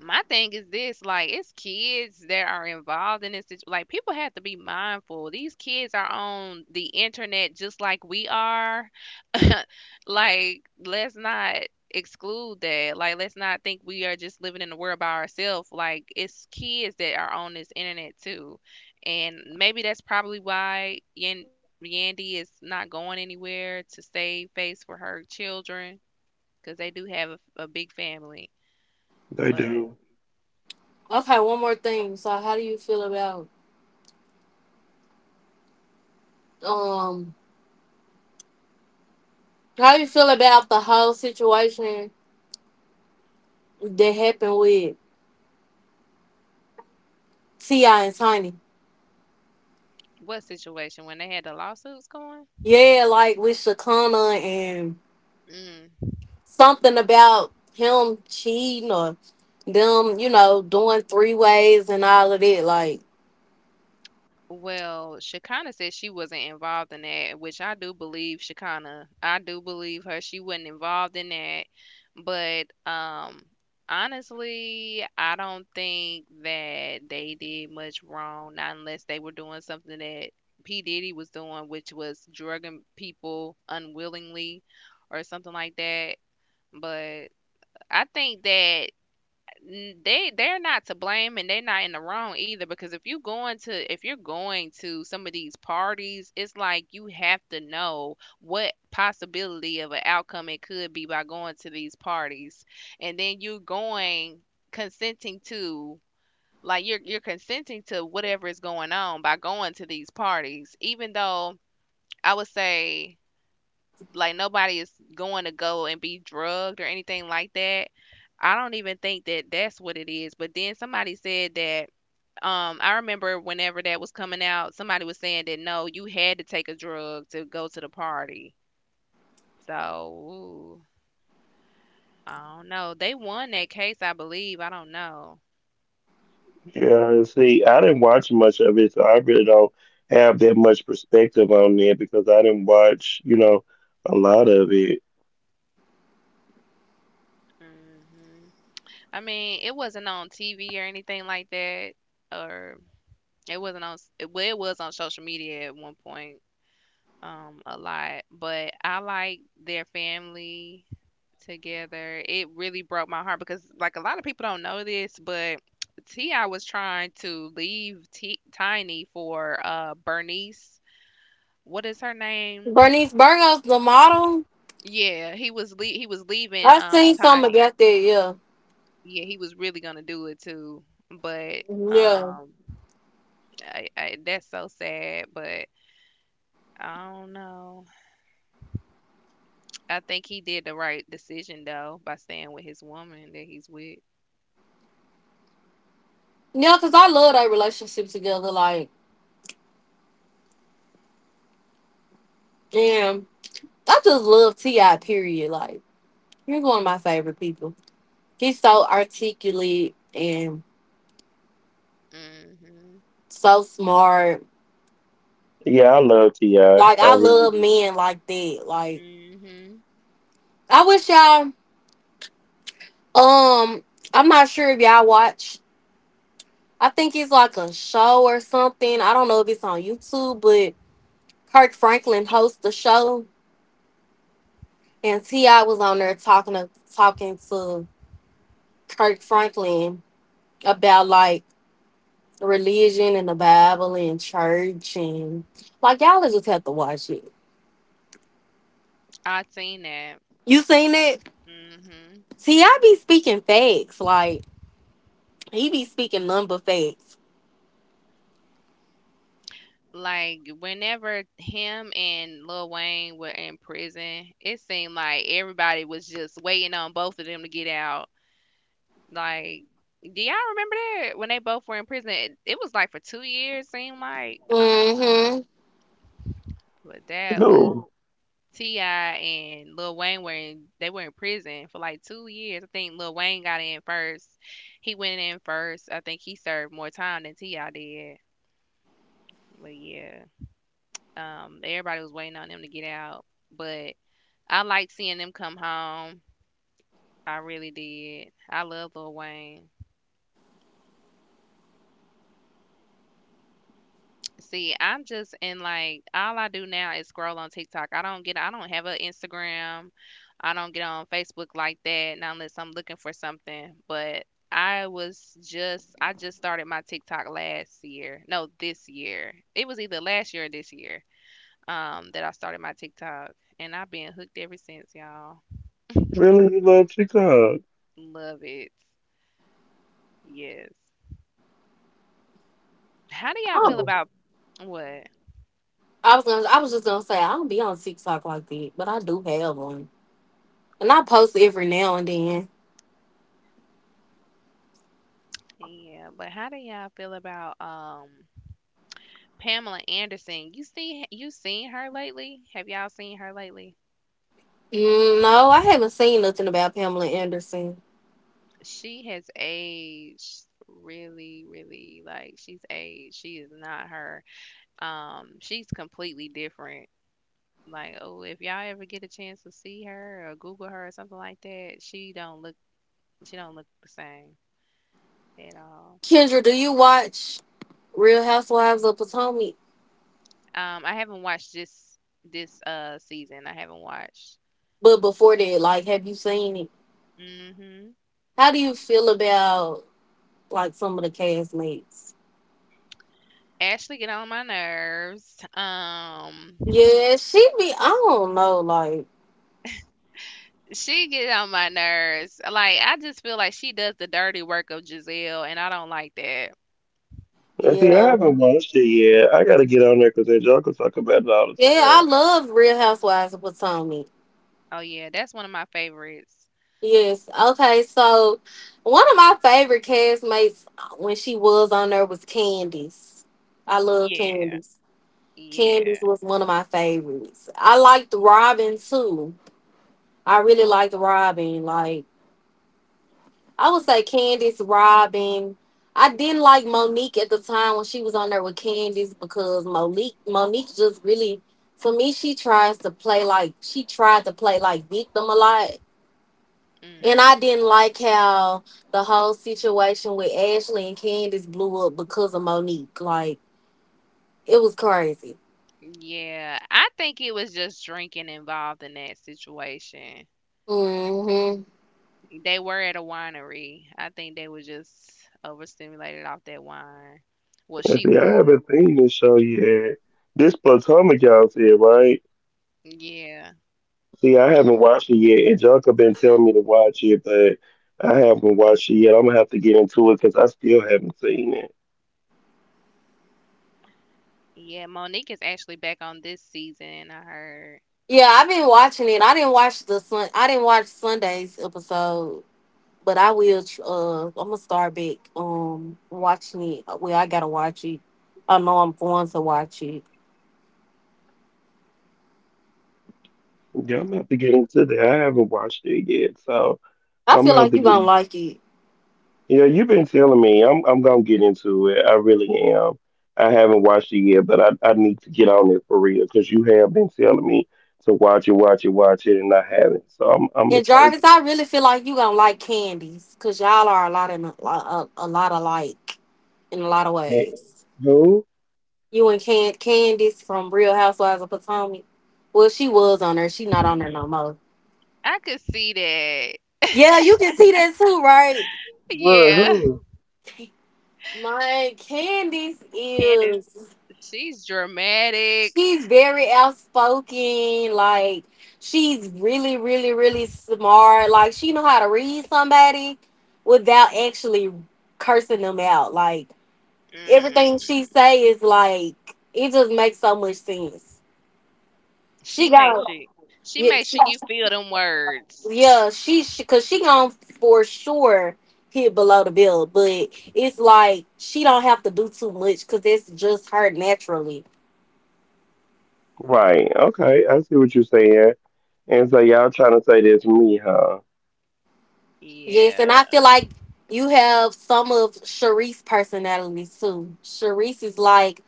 Speaker 2: My thing is this, like, it's kids that are involved in this like, people have to be mindful, these kids are on the internet just like we are. Like, let's not exclude that. Like, let's not think we are just living in the world by ourselves. Like, it's kids that are on this internet too. And maybe that's probably why Yandy is not going anywhere, to save face for her children, because they do have a big family.
Speaker 1: They do.
Speaker 2: But
Speaker 4: Okay, one more thing. So, Um, how do you feel about the whole situation that happened with Ti and Tiny?
Speaker 2: what situation? When they had the lawsuits going?
Speaker 4: Yeah, like with Shakana and
Speaker 2: Mm.
Speaker 4: something about him cheating or them, doing three ways and all of that. Like
Speaker 2: Well, Shekinah said she wasn't involved in that, which I do believe Shekinah. I do believe her. She wasn't involved in that. But honestly, I don't think that they did much wrong, not unless they were doing something that P. Diddy was doing, which was drugging people unwillingly or something like that. But I think that they're not to blame, and they're not in the wrong either, because if you going to if you're going to some of these parties, it's like you have to know what possibility of an outcome it could be by going to these parties. And then you going, consenting to, like, you're consenting to whatever is going on by going to these parties. Even though I would say, like, nobody is going to go and be drugged or anything like that. I don't even think that that's what it is. But then somebody said that I remember whenever that was coming out, somebody was saying that no, you had to take a drug to go to the party. So, ooh, I don't know. They won that case, I believe. I don't know.
Speaker 1: Yeah, see, I didn't watch much of it, so I really don't have that much perspective on it because I didn't watch, you know, a lot of it.
Speaker 2: Hmm. I mean, it wasn't on TV or anything like that, or it wasn't on. S- Well, it was on social media at one point. A lot, but I like their family together. It really broke my heart because, like, a lot of people don't know this, but Ti was trying to leave Tiny for Bernice. What is her name?
Speaker 4: Bernice Burgos, the model.
Speaker 2: Yeah, he was he was leaving
Speaker 4: I seen something
Speaker 2: Tiny.
Speaker 4: about that. Yeah,
Speaker 2: Yeah, he was really gonna do it too, but
Speaker 4: yeah.
Speaker 2: um, that's so sad. But I don't know. I think he did the right decision though by staying with his woman that he's with.
Speaker 4: Yeah, because I love that relationship together. Like, damn, I just love T.I. period. Like, he's one of my favorite people. He's so articulate and
Speaker 2: Mhm.
Speaker 4: so smart.
Speaker 1: Yeah, I love T.I. I
Speaker 4: Like,
Speaker 1: I
Speaker 4: I
Speaker 1: really
Speaker 4: love
Speaker 1: do.
Speaker 4: men like that. Like,
Speaker 2: Mhm.
Speaker 4: I wish y'all, um, I'm not sure if y'all watch. I think it's like a show or something. I don't know if it's on YouTube, but Kirk Franklin hosts the show, and T.I. was on there talking to Kirk Franklin about, like, religion and the Bible and church and like y'all just have to watch it.
Speaker 2: I seen that.
Speaker 4: You seen it?
Speaker 2: Mhm.
Speaker 4: See, I be speaking facts. Like he be speaking number facts.
Speaker 2: Like whenever him and Lil Wayne were in prison, it seemed like everybody was just waiting on both of them to get out. Like, do y'all remember that when they both were in prison? It was like for 2 years. Seemed like I don't
Speaker 4: Mm-hmm.
Speaker 2: know, but that was.
Speaker 1: Who?
Speaker 2: Ti and Lil Wayne were in they were in prison for like 2 years. I think Lil Wayne got in first. He went in first. I think he served more time than Ti did. But yeah, everybody was waiting on them to get out. But I liked seeing them come home. I really did. I love Lil Wayne. See, I'm just in like all I do now is scroll on TikTok. I don't have an Instagram. I don't get on Facebook like that, not unless I'm looking for something. But I just started my TikTok last year. No, this year. It was either last year or this year that I started my TikTok and I've been hooked ever since, y'all.
Speaker 1: Really, you love TikTok?
Speaker 2: Love it. Yes. How do y'all
Speaker 4: I
Speaker 2: feel
Speaker 4: don't- be-
Speaker 2: about what?
Speaker 4: I was just gonna say I don't be on TikTok like that, but I do have one, and I post every now and then.
Speaker 2: Yeah, but how do y'all feel about Pamela Anderson, you see you seen her lately? Have y'all seen her lately?
Speaker 4: Mm, no, I haven't seen nothing about Pamela Anderson.
Speaker 2: She has aged really, really like she's aged. She is not her. She's completely different. Like, oh, if y'all ever get a chance to see her or Google her or something like that, she don't look the same at all.
Speaker 4: Kendra, do you watch Real Housewives of Potomac?
Speaker 2: I haven't watched this season. I haven't watched.
Speaker 4: But before that, like, have you seen it?
Speaker 2: Hmm.
Speaker 4: How do you feel about like some of the castmates.
Speaker 2: Ashley get on my nerves. Um,
Speaker 4: Yeah, she be. I don't know. Like,
Speaker 2: she get on my nerves. Like I just feel like she does the dirty work of Giselle, and I don't like that.
Speaker 1: I see, I
Speaker 4: yeah,
Speaker 1: haven't watched it yet. I gotta get on there because that Joker talk about it all the
Speaker 4: yeah. I
Speaker 1: time.
Speaker 4: love Real Housewives of Potomac.
Speaker 2: Oh yeah, that's one of my favorites.
Speaker 4: Yes. Okay. So, one of my favorite castmates when she was on there was Candice. I love
Speaker 2: Yeah,
Speaker 4: Candice. Candice
Speaker 2: yeah,
Speaker 4: was one of my favorites. I liked Robin too. I really liked Robin. Like I would say Candace, Robin. I didn't like Monique at the time when she was on there with Candace because Monique just really for me she tried to play like victim a lot. And I
Speaker 2: mm,
Speaker 4: didn't like how the whole situation with Ashley and Candace blew up because of Monique. Like it was crazy.
Speaker 2: yeah. I think it was just drinking involved in that situation.
Speaker 4: Hmm.
Speaker 2: They were at a winery. I think they were just overstimulated off that wine. Well,
Speaker 1: I
Speaker 2: she
Speaker 1: see, I
Speaker 2: was.
Speaker 1: haven't seen this show yet. This Potomac y'all said, right?
Speaker 2: Yeah,
Speaker 1: See, I haven't watched it yet, and Joker been telling me to watch it, but I haven't watched it yet. I'm gonna have to get into it because I still haven't seen it.
Speaker 2: yeah. Monique is actually back on this season. I heard.
Speaker 4: Yeah, I've been watching it. I didn't watch Sunday's episode. But I will. I'm gonna start back watching it. Well, I gotta watch it. I know I'm going to watch it.
Speaker 1: Yeah, I'm gonna have to get into that. I haven't watched it yet, so
Speaker 4: I
Speaker 1: I'm
Speaker 4: feel
Speaker 1: gonna have
Speaker 4: like
Speaker 1: to
Speaker 4: you gonna
Speaker 1: get.
Speaker 4: like it.
Speaker 1: You know, you've been telling me I'm gonna get into it. I really am. I haven't watched it yet, but I need to get on it for real because you have been telling me to watch it, watch it, watch it, and I haven't. So I'm gonna
Speaker 4: And
Speaker 1: try to
Speaker 4: Jarvis,
Speaker 1: get
Speaker 4: I really feel like you gonna like Candies because y'all are a lot in a lot alike in a lot of
Speaker 1: that.
Speaker 4: ways.
Speaker 1: Who?
Speaker 4: You and Candice from Real Housewives of Potomac. Well, she was on there. She not on there no more.
Speaker 2: I could see that.
Speaker 4: Yeah, you can see that too, right?
Speaker 1: What?
Speaker 2: Yeah.
Speaker 1: Who?
Speaker 4: My Candice
Speaker 2: Candace,
Speaker 4: is.
Speaker 2: she's dramatic.
Speaker 4: She's very outspoken. Like she's really, really, really smart. Like she know how to read somebody without actually cursing them out. Like everything she
Speaker 2: Hmm.
Speaker 4: say is like it just makes so much sense.
Speaker 2: She
Speaker 4: She
Speaker 2: makes
Speaker 4: got,
Speaker 2: you, she
Speaker 4: yeah,
Speaker 2: makes sure you feel them words.
Speaker 4: yeah. She because she gonna for sure hit below the belt, but it's like she don't have to do too much because it's just her naturally.
Speaker 1: Right. Okay. I see what you're saying. And so y'all trying to say this me, huh?
Speaker 4: Yes, and
Speaker 2: Yeah,
Speaker 4: I feel like you have some of Sharice's personality too. Sharice is like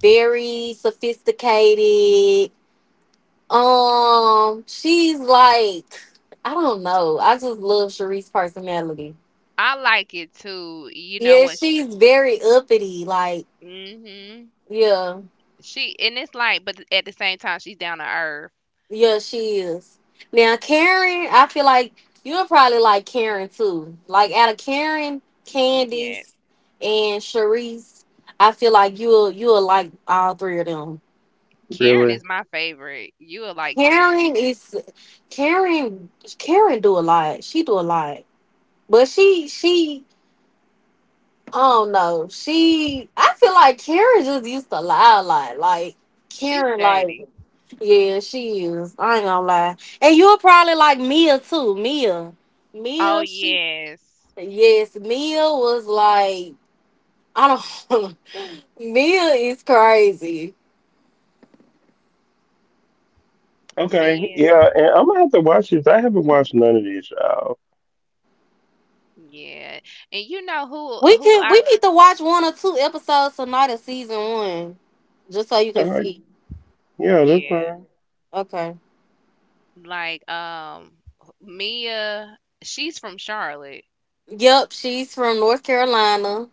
Speaker 4: very sophisticated. She's like, I don't know. I just love Sharice's personality.
Speaker 2: I like it too. You know
Speaker 4: Yeah,
Speaker 2: what?
Speaker 4: she's very uppity. Like,
Speaker 2: Hmm.
Speaker 4: yeah.
Speaker 2: She and it's like, but at the same time, she's down to earth.
Speaker 4: Yeah, she is. Now, Karen, I feel like you'll probably like Karen too. Like out of Karen,
Speaker 2: Yeah,
Speaker 4: Candice, and Sharice, I feel like you'll like all three of them.
Speaker 2: Karen
Speaker 1: Really?
Speaker 2: is my favorite. You will like Karen.
Speaker 4: Karen is Karen. Karen do a lot. She do a lot, but she I don't know. She I feel like Karen just used to lie a lot. Like
Speaker 2: She's
Speaker 4: Karen, like
Speaker 2: shady.
Speaker 4: yeah, she is. I ain't gonna lie. And you're probably like Mia too. Mia.
Speaker 2: Oh
Speaker 4: Mia, she
Speaker 2: yes,
Speaker 4: yes, Mia was like I don't Mia is crazy.
Speaker 1: Okay.
Speaker 2: me.
Speaker 1: Yeah. And I'm gonna have to watch this. I haven't watched none of this, y'all.
Speaker 2: Yeah, and you know
Speaker 4: We
Speaker 2: who
Speaker 4: can
Speaker 2: I
Speaker 4: we need to watch one or two episodes tonight of season one. Just so you can
Speaker 1: All right.
Speaker 4: see.
Speaker 1: Yeah, that's
Speaker 2: yeah.
Speaker 1: fine.
Speaker 4: Okay.
Speaker 2: Like Mia, she's from Charlotte.
Speaker 4: Yep, she's from North Carolina.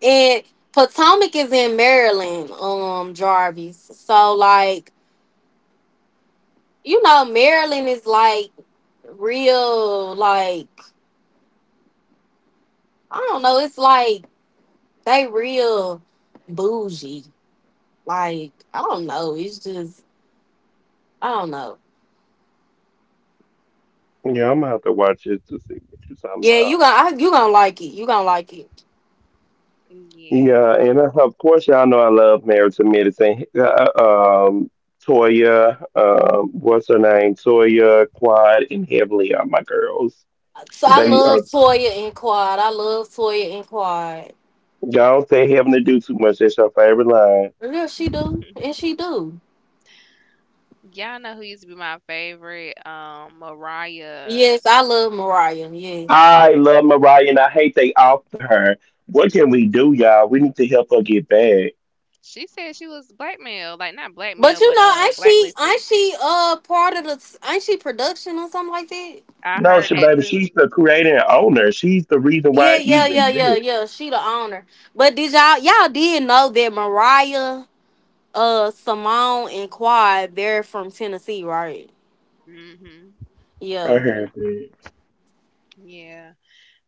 Speaker 4: And Potomac is in Maryland, Jarvis. So like, Maryland is like real like I don't know. It's like they real bougie. Like I don't know. It's just I don't know.
Speaker 1: Yeah, I'm gonna have to watch it to see what you're talking
Speaker 4: Yeah,
Speaker 1: about.
Speaker 4: you gonna like it. You gonna like it.
Speaker 2: Yeah.
Speaker 1: Yeah, and of course, y'all know I love Marriage to Medicine. Toya, what's her name? Toya, Quad, and Heavenly are my girls.
Speaker 4: So I
Speaker 1: They
Speaker 4: love Toya and Quad. I love Toya and Quad.
Speaker 1: y'all say Heaven to do too much. That's your favorite line.
Speaker 4: Yeah, she do and she do.
Speaker 2: Y'all know who used to be my favorite? Um, Mariah.
Speaker 4: Yes, I love Mariah. Yes,
Speaker 1: I love Mariah, and I hate they offed her. What can we do, y'all? We need to help her get back.
Speaker 2: She said she was blackmailed, like not
Speaker 4: but
Speaker 2: blackmailed,
Speaker 4: you
Speaker 2: but
Speaker 4: know, ain't she ain't
Speaker 2: blacklisted.
Speaker 4: she uh part of the ain't she production or something like that?
Speaker 2: I
Speaker 1: No,
Speaker 2: heard
Speaker 1: she,
Speaker 2: that
Speaker 1: baby,
Speaker 2: too.
Speaker 1: she's the creator and owner. She's the reason why
Speaker 4: Yeah,
Speaker 1: it
Speaker 4: yeah,
Speaker 1: even
Speaker 4: yeah, yeah,
Speaker 1: exists.
Speaker 4: yeah. She the owner. But did y'all did know that Mariah? Simone and Quad, they're from Tennessee, right?
Speaker 2: Mhm.
Speaker 1: I
Speaker 4: Yeah.
Speaker 1: heard that.
Speaker 2: Yeah.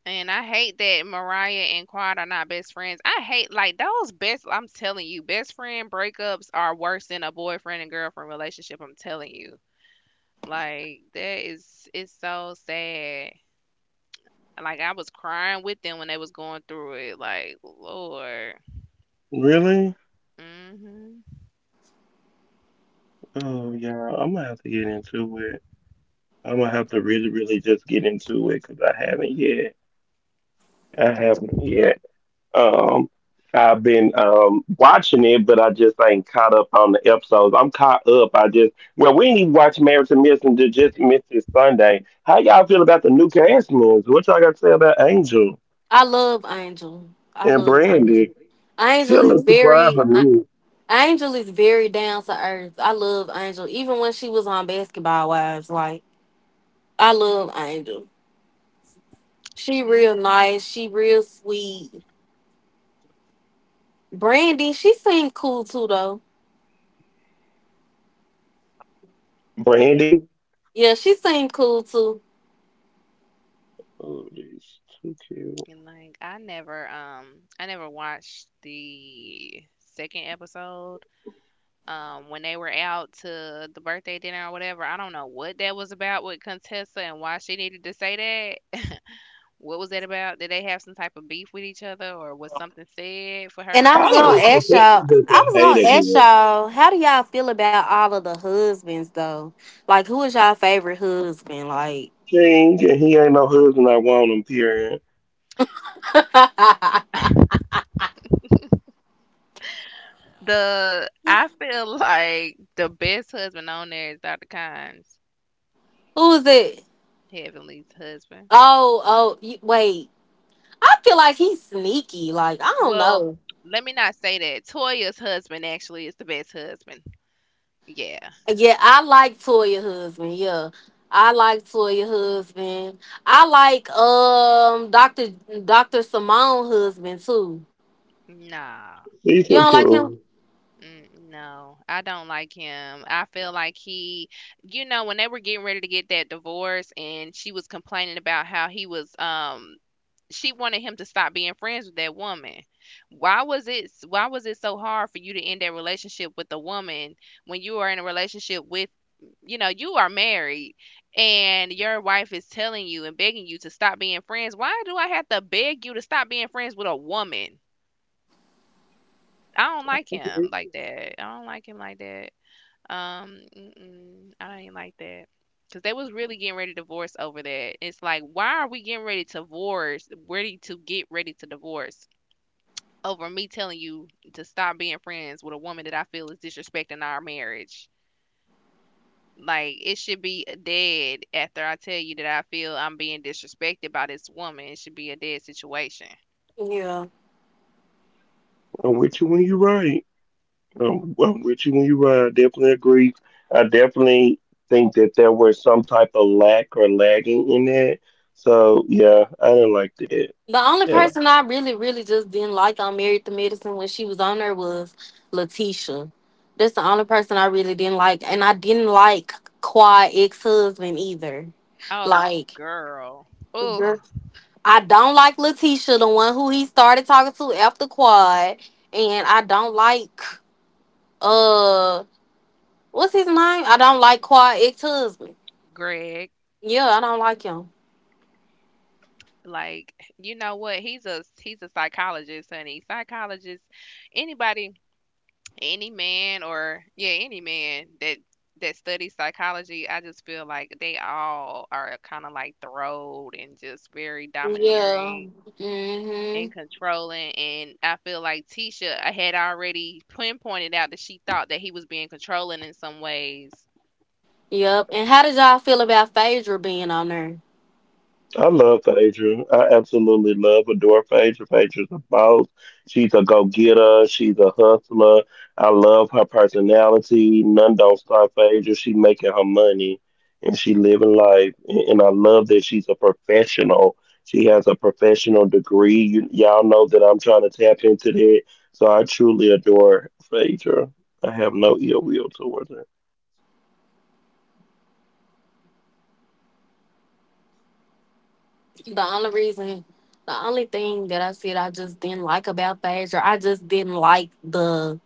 Speaker 2: And I hate that Mariah and Quad are not best friends. I hate like those best I'm telling you, best friend breakups are worse than a boyfriend and girlfriend relationship, I'm telling you. Like that is it's so sad. Like, I was crying with them when they was going through it, like, Lord.
Speaker 1: Really?
Speaker 2: Mhm.
Speaker 1: Oh, yeah. I'm gonna have to get into it. I'm gonna have to really, really just get into it because I haven't yet. I haven't yet. Um, I've been watching it, but I just ain't caught up on the episodes. I'm caught up. I just well, we ain't even watch Marriage to Messenger. Just missed it Sunday. How y'all feel about the new cast members? What y'all got to say about Angel
Speaker 4: I love Angel. I
Speaker 1: and
Speaker 4: love Angel.
Speaker 1: Brandy? She a
Speaker 4: Angel is
Speaker 1: little too wild
Speaker 4: very,
Speaker 1: for
Speaker 4: A-
Speaker 1: me.
Speaker 4: Angel is very down to earth. I love Angel. Even when she was on Basketball Wives, like I love Angel. She real
Speaker 2: Mm,
Speaker 4: nice. She real sweet. Brandy, she seemed cool too, though.
Speaker 2: yeah.
Speaker 1: Brandy,
Speaker 4: Yeah, she seemed cool too.
Speaker 1: oh, she's too cute.
Speaker 2: And, like, I never watched the second episode. When they were out to the birthday dinner or whatever, I don't know what that was about with Contessa and why she needed to say that. What was that about? Did they have some type of beef with each other, or was something said for her
Speaker 4: And
Speaker 2: to
Speaker 4: I
Speaker 2: say
Speaker 1: I
Speaker 4: was gonna
Speaker 1: don't
Speaker 2: that?
Speaker 1: know.
Speaker 4: ask
Speaker 1: That's
Speaker 4: y'all.
Speaker 1: just
Speaker 4: I
Speaker 1: a
Speaker 4: was
Speaker 1: hater
Speaker 4: gonna ask
Speaker 1: here.
Speaker 4: y'all. How do y'all feel about all of the husbands though? Like, who is y'all favorite husband? Like,
Speaker 1: King, and he ain't no husband. I want him. Period.
Speaker 2: The I feel like the best husband on there is Dr. Kynes.
Speaker 4: who is it?
Speaker 2: Heavenly's husband.
Speaker 4: Oh, oh, you, wait. I feel like he's sneaky. Like, I don't
Speaker 2: Well,
Speaker 4: know.
Speaker 2: let me not say that. Toya's husband actually is the best husband. Yeah.
Speaker 4: Yeah, I like Toya husband. Yeah, I like Toya husband. I like Doctor Simone husband too.
Speaker 2: Nah.
Speaker 1: Please
Speaker 4: You don't
Speaker 1: don't
Speaker 4: like him?
Speaker 1: go.
Speaker 2: Mm, no, I don't like him. I feel like he, you know, when they were getting ready to get that divorce and she was complaining about how he was she wanted him to stop being friends with that woman. Why was it so hard for you to end that relationship with a woman when you are in a relationship with you know, you are married and your wife is telling you and begging you to stop being friends. Why do I have to beg you to stop being friends with a woman? I don't like
Speaker 1: Okay.
Speaker 2: him like that. I don't like him like that. Mm-mm, I ain't like that. Cause they was really getting ready to divorce over that. It's like, why are we getting ready to divorce? Ready to get ready to divorce over me telling you to stop being friends with a woman that I feel is disrespecting our marriage. Like it should be a dead after I tell you that I feel I'm being disrespected by this woman. It should be a dead situation.
Speaker 4: Yeah.
Speaker 1: I'm with you when you ride. I'm with you when you ride. I definitely agree. I definitely think that there was some type of lack or lagging in that. So yeah, I didn't like that.
Speaker 4: The only
Speaker 1: At
Speaker 4: person I really, really just didn't like on Married to Medicine when she was on there was Letitia. That's the only person I really didn't like. And I didn't like Quad ex husband either.
Speaker 2: Oh
Speaker 4: Like,
Speaker 2: girl. Oh,
Speaker 4: girl, I don't like Letitia, the one who he started talking to after Quad. And I don't like, uh, what's his name? I don't like Quad ex husband.
Speaker 2: Greg.
Speaker 4: Yeah, I don't like him.
Speaker 2: Like, you know what? He's a psychologist, honey. Psychologist. Anybody any man or yeah any man that studies psychology, I just feel like they all are kind of like thrilled and just very
Speaker 4: Yeah.
Speaker 2: domineering
Speaker 4: Mm
Speaker 2: and
Speaker 4: hmm.
Speaker 2: controlling and I feel like Tisha I had already pinpointed out that she thought that he was being controlling in some ways.
Speaker 4: Yep. And how did y'all feel about Phaedra being on there?
Speaker 1: I love Phaedra. I absolutely love, adore Phaedra. Phaedra's a boss. She's a go-getter. She's a hustler. I love her personality. None don't stop Phaedra. She making her money and she living life. And I love that she's a professional. She has a professional degree. You, y'all know that I'm trying to tap into that. So I truly adore Phaedra. I have no ill will towards her.
Speaker 4: The only reason, the only thing that I said I just didn't like about Phaedra, I just didn't like the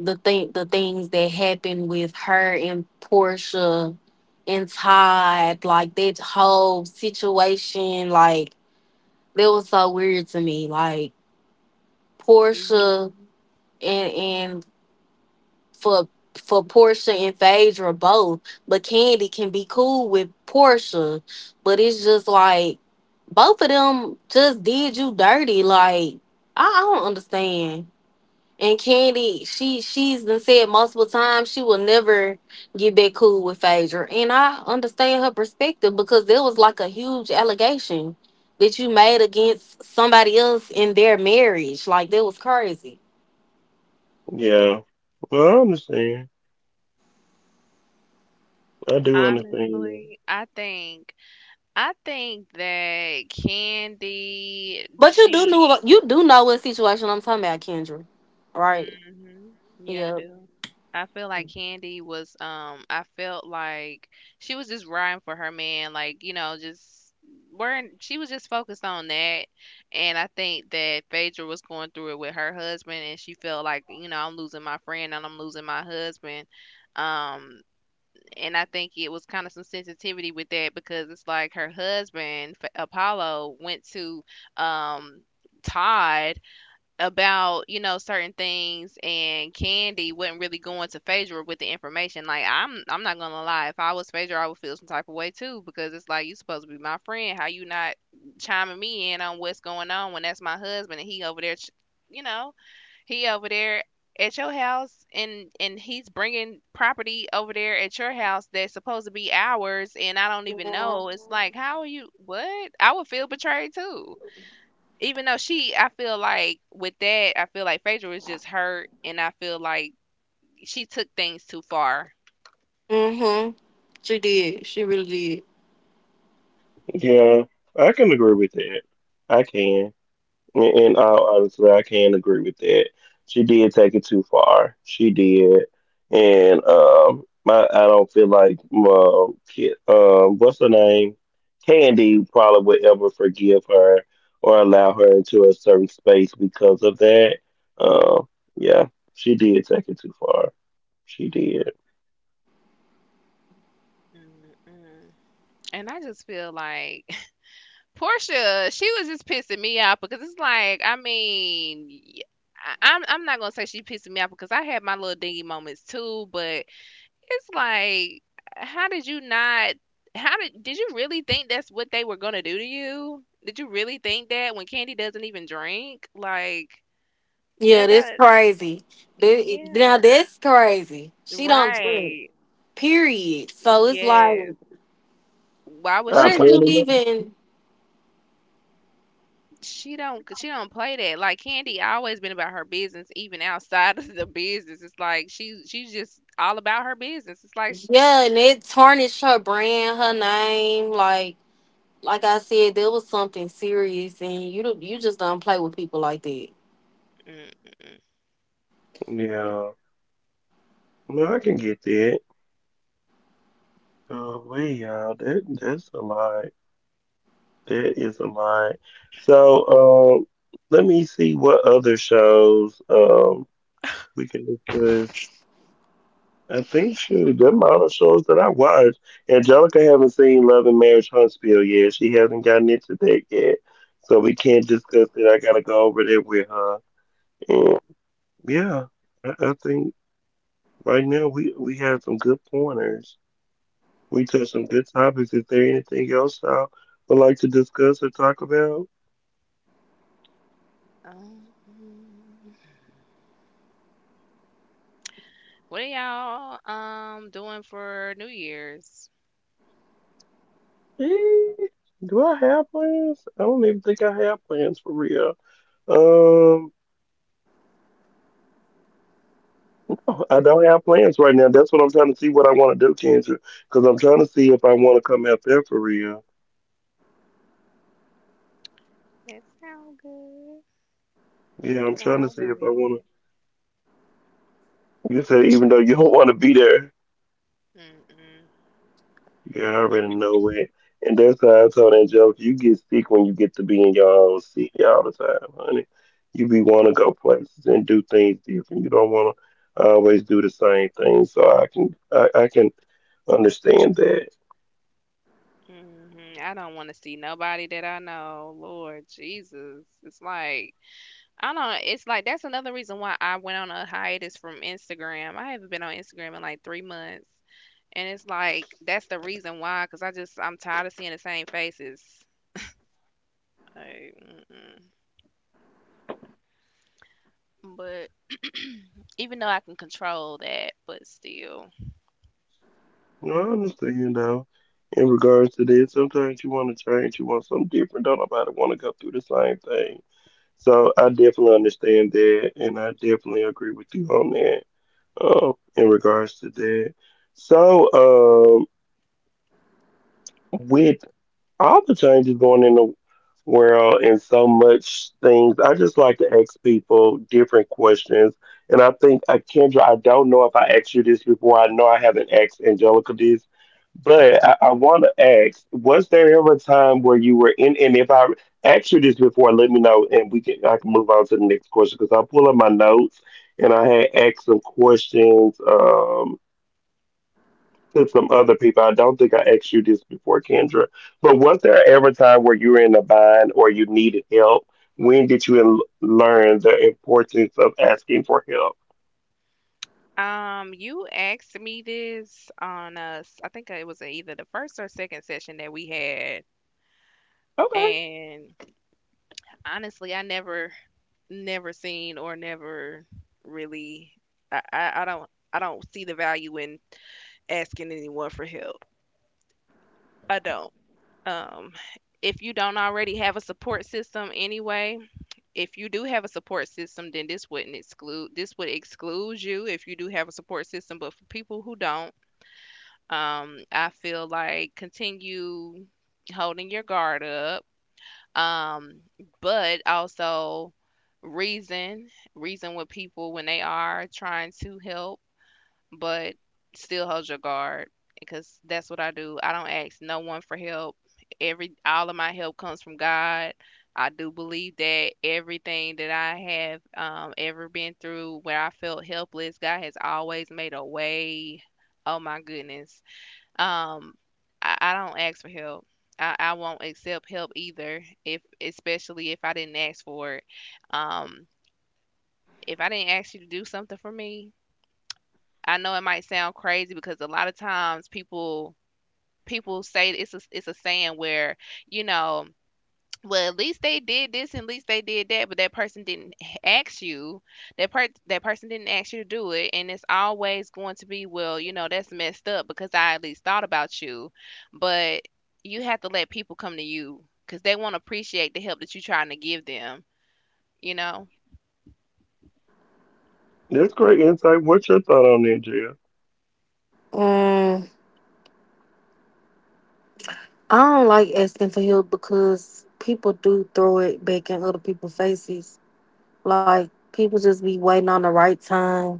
Speaker 4: the thing the things that happened with her and Portia and Todd, like that whole situation, like that was so weird to me. Like Portia
Speaker 2: Mhm.
Speaker 4: and for for Portia and Phaedra both. But Candy can be cool with Portia. But it's just like both of them just did you dirty. Like I don't understand. And Candy, she's been said multiple times she will never get back cool with Phaedra. And I understand her perspective because there was like a huge allegation that you made against somebody else in their marriage. Like that was crazy.
Speaker 1: Yeah. Well, I understand. I do understand.
Speaker 2: Honestly, I think that Candy
Speaker 4: But
Speaker 2: she
Speaker 4: you do know what situation I'm talking about, Kendra. Right?
Speaker 2: Mhm. Yeah, I
Speaker 4: Yeah.
Speaker 2: do. I feel like Candy was I felt like she was just riding for her man, like, you know, just weren't she was just focused on that and I think that Phaedra was going through it with her husband and she felt like, you know, I'm losing my friend and I'm losing my husband. Um, and I think it was kind of some sensitivity with that because it's like her husband Apollo went to um Todd about, you know, certain things and Candy wasn't really going to Phaedra with the information. Like I'm not gonna lie, if I was Phaedra I would feel some type of way too because it's like you supposed to be my friend. How you not chiming me in on what's going on when that's my husband and he over there you know, he over there at your house and he's bringing property over there at your house that's supposed to be ours and I don't even know. It's like how are you what? I would feel betrayed too even though she, I feel like with that, I feel like Phaedra was just hurt, and I feel like she took things too far.
Speaker 4: Mm-hmm. She did. She really did.
Speaker 1: Yeah, I can agree with that. I can. In all honesty, I can agree with that. She did take it too far. She did, and my I don't feel like what's her name, Candy probably would ever forgive her or allow her into a certain space because of that. Um, yeah, she did take it too far. She did.
Speaker 2: Mm-mm. And I just feel like Portia, she was just pissing me off because it's like, I mean, I'm not gonna say she pissing me off because I had my little dingy moments too, but it's like, how did you not? How did you really think that's what they were gonna do to you? Did you really think that when Candy doesn't even drink, like
Speaker 4: Yeah, that's
Speaker 2: that
Speaker 4: crazy.
Speaker 2: Mm,
Speaker 4: Now
Speaker 2: yeah.
Speaker 4: that's crazy. She don't drink.
Speaker 2: Right.
Speaker 4: Period. So it's like,
Speaker 2: Yes. Why would
Speaker 4: where
Speaker 1: I
Speaker 2: she
Speaker 4: is
Speaker 1: feel
Speaker 4: you
Speaker 2: con
Speaker 1: it.
Speaker 4: even?
Speaker 2: she don't play that. Like Candy always been about her business even outside of the business. It's like she's just all about her business. It's like sh
Speaker 4: Yeah, and it tarnished her brand, her name. Like I said, there was something serious, and you just don't play with people like that.
Speaker 2: mm mm
Speaker 1: Yeah, no, I can get that. Oh, wait, y'all, that that's a lot. That is a lot. So, let me see what other shows we can discuss. I think shoot, the amount of shows that I watch. Angelica haven't seen Love and Marriage Huntsville yet. She hasn't gotten into that yet, so we can't discuss it. I gotta go over there with her. And yeah, I think right now we have some good pointers. We touched some good topics. Is there anything else y'all would like to discuss or talk about?
Speaker 2: mm, what are y'all doing for New Year's?
Speaker 1: Eh, do I have plans? I don't even think I have plans for real. Um, no, I don't have plans right now. That's what I'm trying to see what I want to do, Kendra. Because I'm trying to see if I want to come out there for real.
Speaker 2: That sound good.
Speaker 1: Yeah,
Speaker 2: You
Speaker 1: I'm
Speaker 2: know
Speaker 1: trying to
Speaker 2: I'm
Speaker 1: see
Speaker 2: gonna
Speaker 1: if I
Speaker 2: be
Speaker 1: want to. You said even though you don't want to be there.
Speaker 2: at. Mm-mm.
Speaker 1: You already know it. And that's how I told Angelica, you get sick when you get to be in your own city all the time, honey. You be want to go places and do things different. You don't want to always do the same thing. So I can I can understand that.
Speaker 2: Mm-hmm. I don't want to see nobody that I know. Lord Jesus. It's like I don't know. It's like that's another reason why I went on a hiatus from Instagram. I haven't been on Instagram in like 3 months. And it's like that's the reason why cuz I'm tired of seeing the same faces. Like, mm-mm. But even though I can control that, but still.
Speaker 1: No, I understand though. In regards to this, sometimes you want to change, you want something different. Don't nobody want to go through the same thing. So I definitely understand that, and I definitely agree with you on that. In regards to that. So, with all the changes going in the world and so much things, I just like to ask people different questions. And I think, Kendra, I don't know if I asked you this before. I know I haven't asked Angelica this, but I want to ask: was there ever a time where you were in? And if I asked you this before, let me know, and we can I can move on to the next question because I pull up my notes and I had asked some questions. To some other people. I don't think I asked you this before, Kendra, but was there ever a time where you were in a bind or you needed help? When did you learn the importance of asking for help?
Speaker 2: You asked me this on us I think it was either the first or second session that we had
Speaker 1: Okay,
Speaker 2: and honestly I never never seen or never really I don't see the value in asking anyone for help. I don't. Um, if you don't already have a support system anyway, if you do have a support system, then this would exclude you if you do have a support system, but for people who don't, I feel like continue holding your guard up. Um, but also reason, reason with people when they are trying to help, but still hold your guard because that's what I do. I don't ask no one for help. Every all of my help comes from God. I do believe that everything that I have ever been through where I felt helpless, God has always made a way. Oh my goodness. Um, I don't ask for help. I won't accept help either, if especially if I didn't ask for it. Um, if I didn't ask you to do something for me, I know it might sound crazy because a lot of times people say it's a saying where you know well, at least they did this and at least they did that, but that person didn't ask you. That person didn't ask you to do it, and it's always going to be, well, that's messed up because I at least thought about you. But you have to let people come to you because they won't appreciate the help that you're trying to give them. You know.
Speaker 1: that's great insight. What's your thought on that, Jill?
Speaker 4: Mm. I don't like asking for help because people do throw it back in other people's faces. Like people just be waiting on the right time,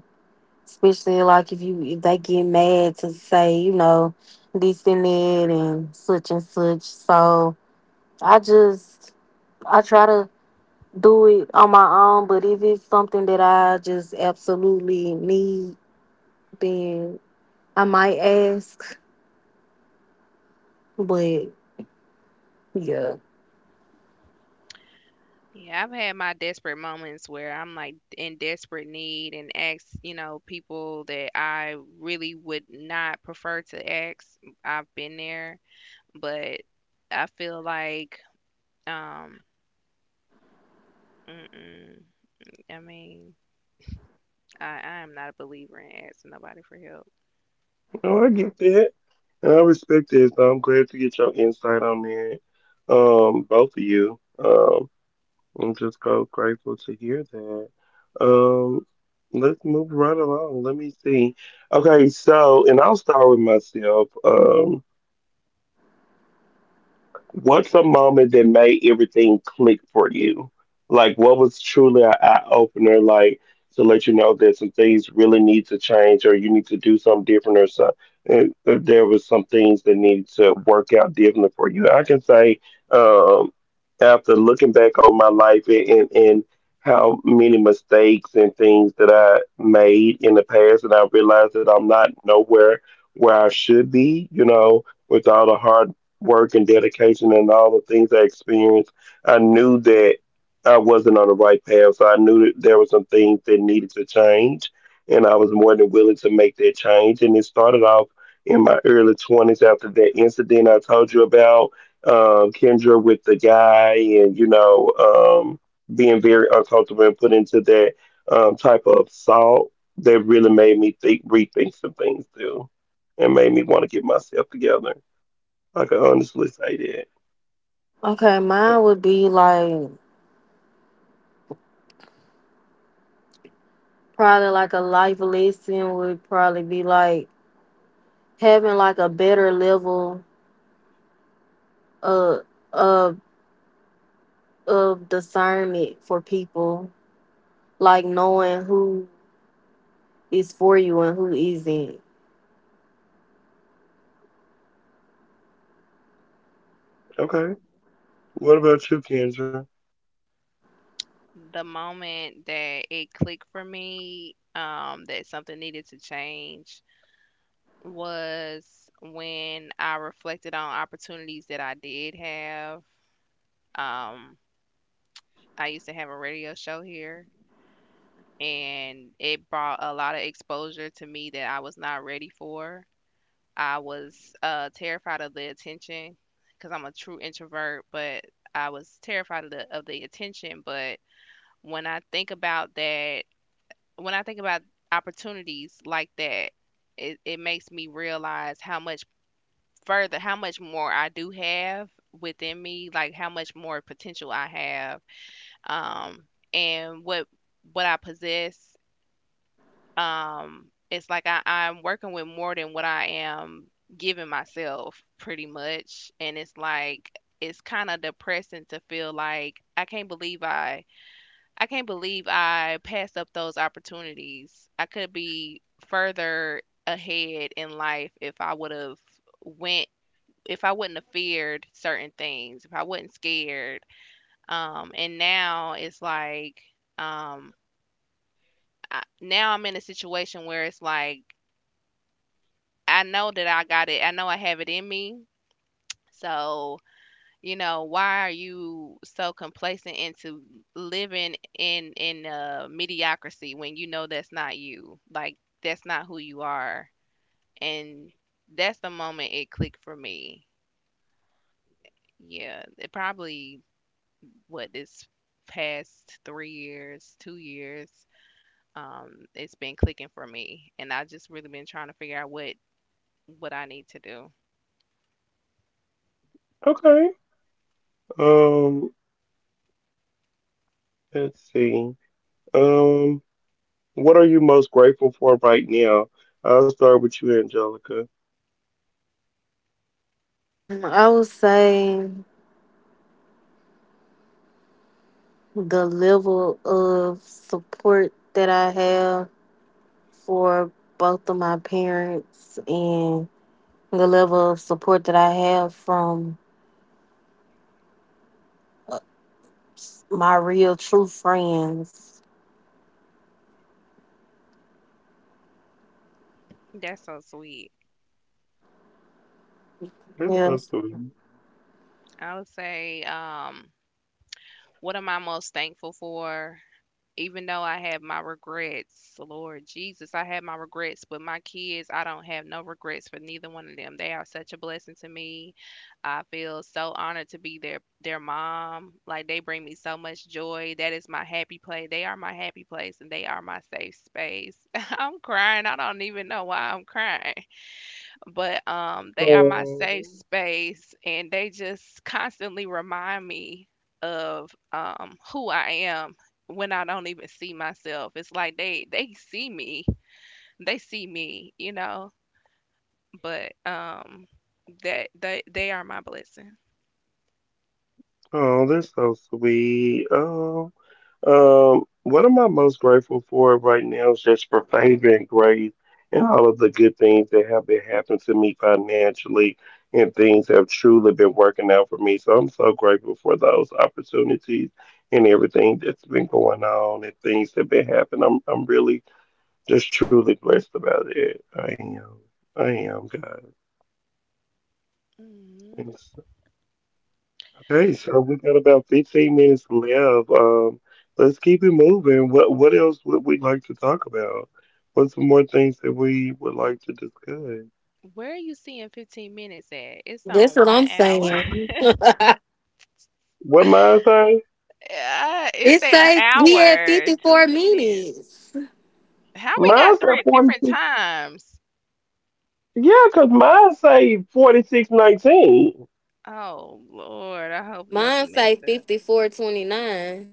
Speaker 4: especially like if they get mad to say you know this and that and such and such. So I just I try to do it on my own. But if it's something that I just absolutely need, then I might ask. But yeah.
Speaker 2: Yeah, I've had my desperate moments where I'm like in desperate need and ask, people that I really would not prefer to ask. I've been there. But I feel like, um, mm-mm, I mean, I am not a believer in asking nobody for help.
Speaker 1: No, I get that, and I respect that. So I'm glad to get your insight on that, both of you. I'm just so grateful to hear that. Um, let's move right along. Let me see. Okay, so and I'll start with myself. What's a moment that made everything click for you? Like, what was truly an eye opener, like to let you know that some things really need to change, or you need to do something different, or some and there was some things that needed to work out differently for you. I can say, um, after looking back on my life and how many mistakes and things that I made in the past, and I realized that I'm not nowhere where I should be, you know, with all the hard work and dedication and all the things I experienced, I knew that I wasn't on the right path. So I knew that there were some things that needed to change, and I was more than willing to make that change. And it started off in my early 20s after that incident I told you about, Kendra with the guy, and you know, being very uncomfortable and put into that type of assault that really made me think, rethink some things too, and made me want to get myself together. I can honestly say
Speaker 4: Okay,
Speaker 1: that.
Speaker 4: mine would be like probably like a life lesson would probably be like having like a better level of of of discernment for people, like knowing who is for you and who isn't.
Speaker 1: Okay. What about you, Kendra?
Speaker 2: The moment that it clicked for me, that something needed to change was when I reflected on opportunities that I did have. Um, I used to have a radio show here, and it brought a lot of exposure to me that I was not ready for. I was terrified of the attention because I'm a true introvert, but I was terrified of the attention. But when I think about that, when I think about opportunities like that, it makes me realize how much further, how much more I do have within me, like how much more potential I have, um, and what I possess, it's like I'm working with more than what I am giving myself, pretty much. And it's like it's kind of depressing to feel like I can't believe I can't believe I passed up those opportunities. I could be further ahead in life if I would have went, if I wouldn't have feared certain things, if I wasn't scared. And now it's like, um now I'm in a situation where it's like I know that I got it. I know I have it in me. So, you know, why are you so complacent into living in mediocrity when you know that's not you? Like that's not who you are. And that's the moment it clicked for me. Yeah, it probably, what this past 3 years, 2 years, it's been clicking for me, and I just really been trying to figure out what I need to do.
Speaker 1: Okay. Um, let's see. Um, what are you most grateful for right now? I'll start with you, Angelica.
Speaker 4: Mm, I would say the level of support that I have for both of my parents and the level of support that I have from uh, my real true friends.
Speaker 2: That's so sweet.
Speaker 1: That's
Speaker 4: Yeah.
Speaker 1: so sweet.
Speaker 2: I would say, what am I most thankful for? Even though I have my regrets, Lord Jesus, I have my regrets, but my kids, I don't have no regrets for neither one of them. They are such a blessing to me. I feel so honored to be their mom. Like they bring me so much joy. That is my happy place. They are my happy place and they are my safe space. I'm crying. I don't even know why I'm crying, but they are my safe
Speaker 1: Oh,
Speaker 2: space and they just constantly remind me of, who I am when I don't even see myself. It's like they see me, they see me, you know, but that they are my blessing.
Speaker 1: oh, that's so sweet. Oh, what am I most grateful for right now is just for favor and grace and all of the good things that have been happening to me financially and things have truly been working out for me. So I'm so grateful for those opportunities and everything that's been going on and things that been happening. I'm really just truly blessed about it. I am. I am, God.
Speaker 2: Mhm.
Speaker 1: Okay, so we got about 15 minutes left. Let's keep it moving. What else would we like to talk about? What's some more things that we would like to discuss?
Speaker 2: Where are you seeing 15 minutes at? It's
Speaker 4: That's
Speaker 2: on
Speaker 4: what
Speaker 2: one
Speaker 4: I'm
Speaker 2: hour.
Speaker 4: saying. It
Speaker 1: What mine say?
Speaker 2: It's an
Speaker 4: says we had
Speaker 2: hour, two
Speaker 4: 54
Speaker 2: minutes.
Speaker 4: minutes.
Speaker 2: How we
Speaker 1: Mine
Speaker 2: got
Speaker 1: say
Speaker 2: three different
Speaker 1: 46.
Speaker 2: times?
Speaker 1: Yeah, because mine say 4619.
Speaker 2: Oh Lord, I hope
Speaker 4: Mine
Speaker 2: nothing
Speaker 4: say
Speaker 2: messed up.
Speaker 4: 54:29.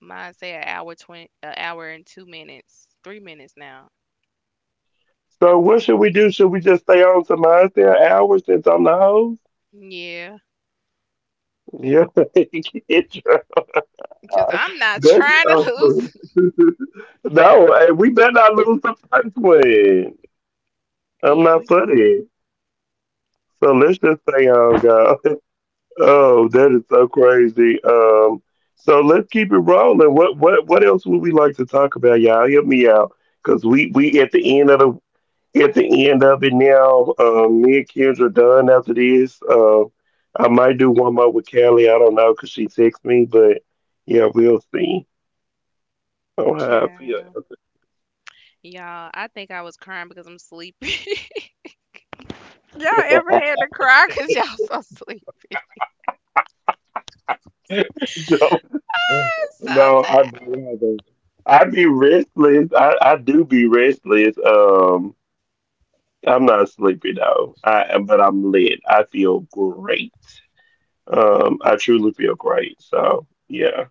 Speaker 2: Mine say an hour 20, an hour and 2 minutes, 3 minutes now.
Speaker 1: So what should we do? Should we just stay on to mine say an hour since I'm the host?
Speaker 2: Yeah,
Speaker 1: Yeah.
Speaker 2: because I'm not
Speaker 1: That's
Speaker 2: trying to
Speaker 1: awesome.
Speaker 2: lose.
Speaker 1: No, hey, we better not lose the first one. I'm
Speaker 2: Yeah,
Speaker 1: not
Speaker 2: we.
Speaker 1: funny. So let's just stay on, God, oh, that is so crazy. So let's keep it rolling. What else would we like to talk about, y'all? Help me out, cause we at the end of the at the end of it now. Me and Kendra done after this. I might do one more with Callie. I don't know, cause she texted me, but yeah, we'll see. Oh, how I feel.
Speaker 2: Yeah. Y'all, I think I was crying because I'm sleepy. Y'all ever had to cry because y'all so sleepy?
Speaker 1: Joe.
Speaker 2: So
Speaker 1: No, I
Speaker 2: tired.
Speaker 1: don't have a- I be restless. I do be restless. I'm not sleepy though. I but I'm lit. I feel great. I truly feel great. So yeah,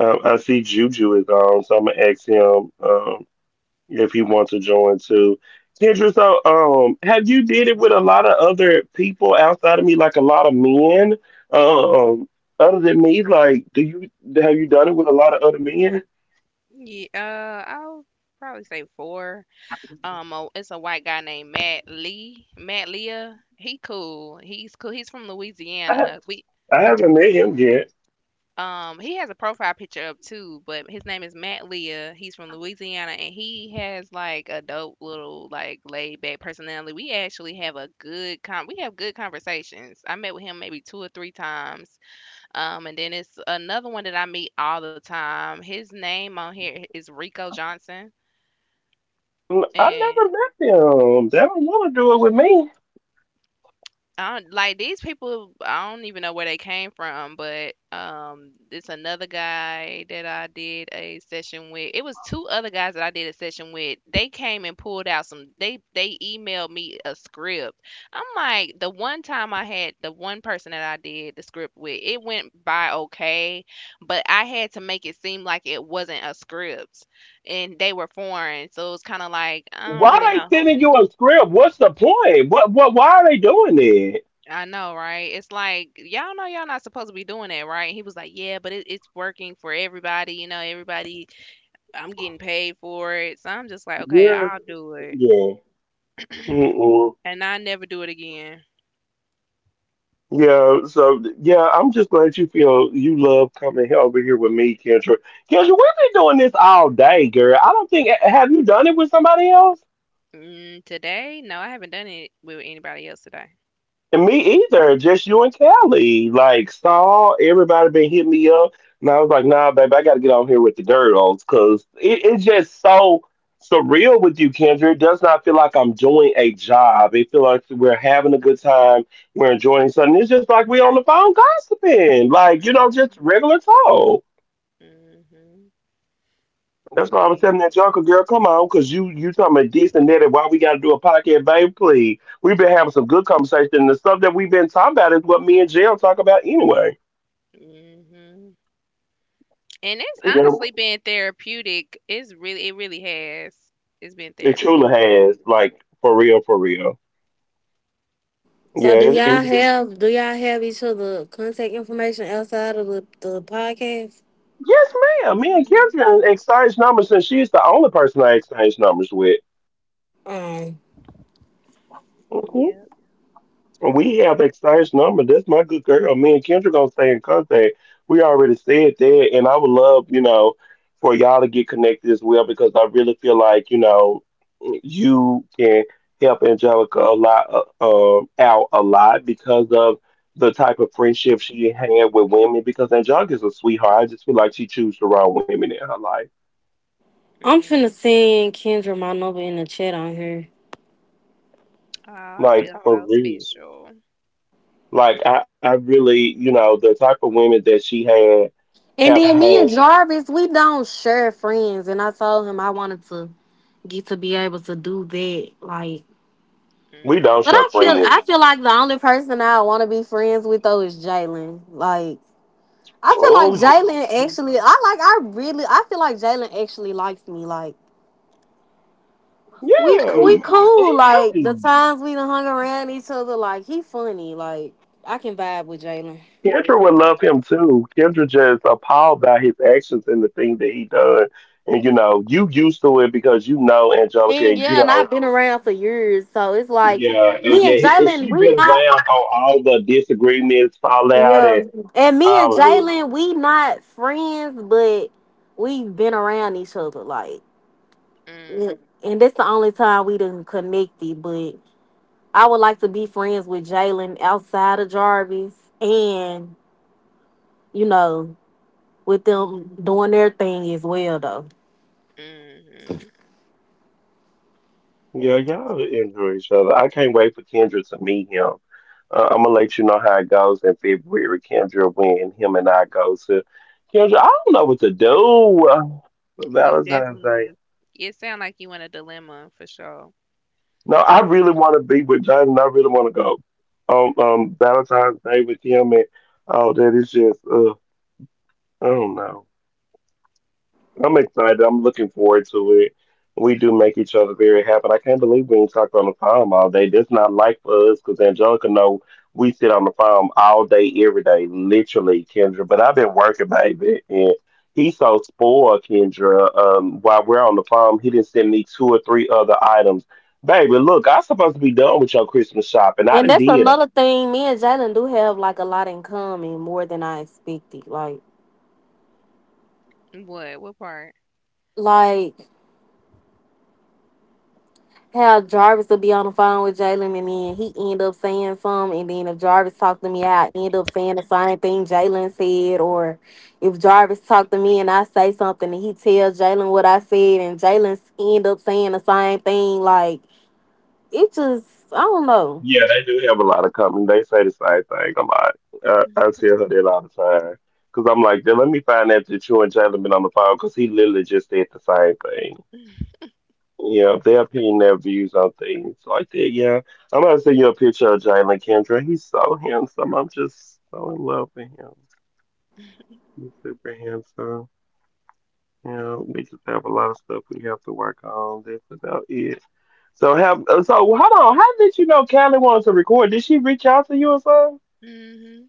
Speaker 1: I see Juju is on, so I'm gonna ask him if he wants to join too. Kendra, so have you did it with a lot of other people outside of me, like a lot of men, um, other than me? Like, do you have you done it with a lot of other men?
Speaker 2: Yeah, I'll probably say four. It's a white guy named Matt Lee. Matt Leah. He cool. He's cool. He's from
Speaker 1: I
Speaker 2: Louisiana. We.
Speaker 1: I haven't met him yet.
Speaker 2: He has a profile picture up too, but his name is Matt Leah. He's from Louisiana, and he has like a dope little like laid back personality. We actually have a good con. We have good conversations. I met with him maybe two or three times. And then it's another one that I meet all the time. His name on here is Rico Johnson.
Speaker 1: Mm, I
Speaker 2: And.
Speaker 1: never met him. They don't want to do it with me.
Speaker 2: I don't, like these people, I don't even know where they came from, but it's another guy that I did a session with. It was two other guys that I did a session with. They came and pulled out some. They emailed me a script. I'm like, the one time I had the one person that I did the script with, it went by okay, but I had to make it seem like it wasn't a script, and they were foreign, so it was kind of like I don't
Speaker 1: Why
Speaker 2: really
Speaker 1: they
Speaker 2: know.
Speaker 1: sending you a script? What's the point? What why are they doing it?
Speaker 2: I know, right? It's like y'all know y'all not supposed to be doing that, right? He was like, "Yeah, but it's working for everybody. You know, everybody. I'm getting paid for it, so I'm just like, okay,
Speaker 1: Yeah,
Speaker 2: I'll Mhm. do it,
Speaker 1: yeah. Mm-mm.
Speaker 2: and I never do it again.
Speaker 1: Yeah, so yeah, I'm just glad you feel you love coming here over here with me, Kendra. Kendra, we've been doing this all day, girl. I don't think have you done it with somebody else?
Speaker 2: Mm, today, no, I haven't done it with anybody else today.
Speaker 1: And me either. Just you and Kelly. Like Saul, everybody been hitting me up, and I was like, "Nah, baby, I got to get on here with the girls because it's just so surreal with you, Kendra. It does not feel like I'm doing a job. It feels like we're having a good time. We're enjoying something. It's just like we on the phone gossiping, like you know, just
Speaker 2: Mhm,
Speaker 1: regular talk.
Speaker 2: mhm,
Speaker 1: That's why I was
Speaker 2: yeah,
Speaker 1: telling that Joker girl, come on, because you talking about this and that, and why we got to do a podcast, baby, please. We've been having some good conversation, and the stuff that we've been talking about is what me and Jill talk about anyway.
Speaker 2: mhm. And it's
Speaker 1: You
Speaker 2: honestly been therapeutic. It's really, it really has. It's been
Speaker 1: it
Speaker 2: therapeutic
Speaker 1: truly
Speaker 2: for
Speaker 1: has,
Speaker 2: me.
Speaker 1: like, for real, for real.
Speaker 4: So
Speaker 1: Yeah, it, it's
Speaker 4: do y'all have each other contact information outside of the podcast?
Speaker 1: yes, ma'am. Me and
Speaker 2: Mhm.
Speaker 1: Kendra exchanged numbers, and she's the only person I exchange numbers with.
Speaker 4: Um,
Speaker 1: Mm-hmm.
Speaker 2: Yep.
Speaker 1: We have exchanged number. That's my good girl. Me and Kendra gonna stay in contact. We already said that, and I would love, you know, for y'all to get connected as well because I really feel like, you know, you can help Angelica a lot out a lot because of the type of friendship she had with women. Because Angelica's a sweetheart. I just feel like she chose the wrong women in her life.
Speaker 4: I'm finna
Speaker 2: Mm.
Speaker 4: send Kendra my number in the chat on here.
Speaker 2: Oh, I feel
Speaker 1: Like for,
Speaker 2: so
Speaker 1: oh, real.
Speaker 2: special.
Speaker 1: Like I really, you know, the type of women that she had
Speaker 4: And
Speaker 1: have
Speaker 4: then me and
Speaker 1: had.
Speaker 4: Jarvis, we don't share friends, and I told him I wanted to get to be able to do that, like.
Speaker 1: We
Speaker 2: Mm,
Speaker 1: don't
Speaker 4: But
Speaker 1: share friend.
Speaker 4: I feel like the only person I want to be friends with though is Jalen. Like. I feel like
Speaker 1: Oh,
Speaker 4: Jalen actually. I like. I really. I feel like Jalen actually likes me. Like we
Speaker 1: yeah,
Speaker 4: cool.
Speaker 1: he
Speaker 4: Like
Speaker 1: does.
Speaker 4: the times we done hung around each other. Like he funny. Like I can vibe with Jalen.
Speaker 1: Kendra would love him too. Kendra just appalled by his actions and the thing that he done. And you know, you used to it because you know Angelica,
Speaker 4: And
Speaker 1: and you
Speaker 4: yeah, and I've
Speaker 1: know,
Speaker 4: been around for years, so it's like
Speaker 1: yeah, and
Speaker 4: me and
Speaker 1: yeah, and
Speaker 4: Jalen.
Speaker 1: she
Speaker 4: We
Speaker 1: been
Speaker 4: not
Speaker 1: around on all the disagreements, fallout,
Speaker 4: yeah,
Speaker 1: and
Speaker 4: and me and
Speaker 1: all of it.
Speaker 4: Jalen. We not friends, but we've been around each other. Like, yeah.
Speaker 2: mm,
Speaker 4: And that's the only time we done connected. But. I would like to be friends with Jalen outside of Jarvis and, you know, with them
Speaker 2: mm,
Speaker 4: doing their thing as well, though.
Speaker 2: mm.
Speaker 1: Yeah, y'all enjoy each other. I can't wait for Kendra to meet him. I'm gonna let you know how it goes in February, Kendra, when him and I go to. Kendra, I don't know what to do for
Speaker 2: You
Speaker 1: Valentine's Day.
Speaker 2: definitely. It sound like you in a dilemma for sure.
Speaker 1: No, I really want to be with Jaden. I really want to go on Valentine's Day with him and all that. It's just, I don't know. I'm excited. I'm looking forward to it. We do make each other very happy. I can't believe we ain't talked on the phone all day. That's not life for us because Angelica know we sit on the phone all day, every day, literally, Kendra. But I've been working, baby, and he's so spoiled, Kendra. While we're on the phone, he didn't send me two or three other items. Baby, look, I'm supposed to be done with your Christmas shopping. I
Speaker 4: And
Speaker 1: done
Speaker 4: that's
Speaker 1: did 'em.
Speaker 4: another thing. Me and Jalen do have like a lot in common, more than I expected. Like,
Speaker 2: What? What part?
Speaker 4: like how Jarvis will be on the phone with Jalen, and then he end up saying something, and then if Jarvis talked to me, I end up saying the same thing Jalen said, or if Jarvis talked to me and I say something, and he tells Jalen what I said, and Jalen end up saying the same thing. Like, it just, I don't know.
Speaker 1: Yeah, they do have a lot of company. They say the same thing a lot. I tell her that all the time. Because I'm like, "Then let me find out that you and Jalen been on the phone because he literally just said the same thing. You know, their opinion, their views on things like that." Yeah, I'm going to send you a picture of Jalen, Kendra. He's so handsome. I'm just so in love with him. He's super handsome. You know, we just have a lot of stuff we have to work on. That's about it. So, so hold on. How did you know Callie wanted to record? Did she reach out to you or something?
Speaker 2: Mhm.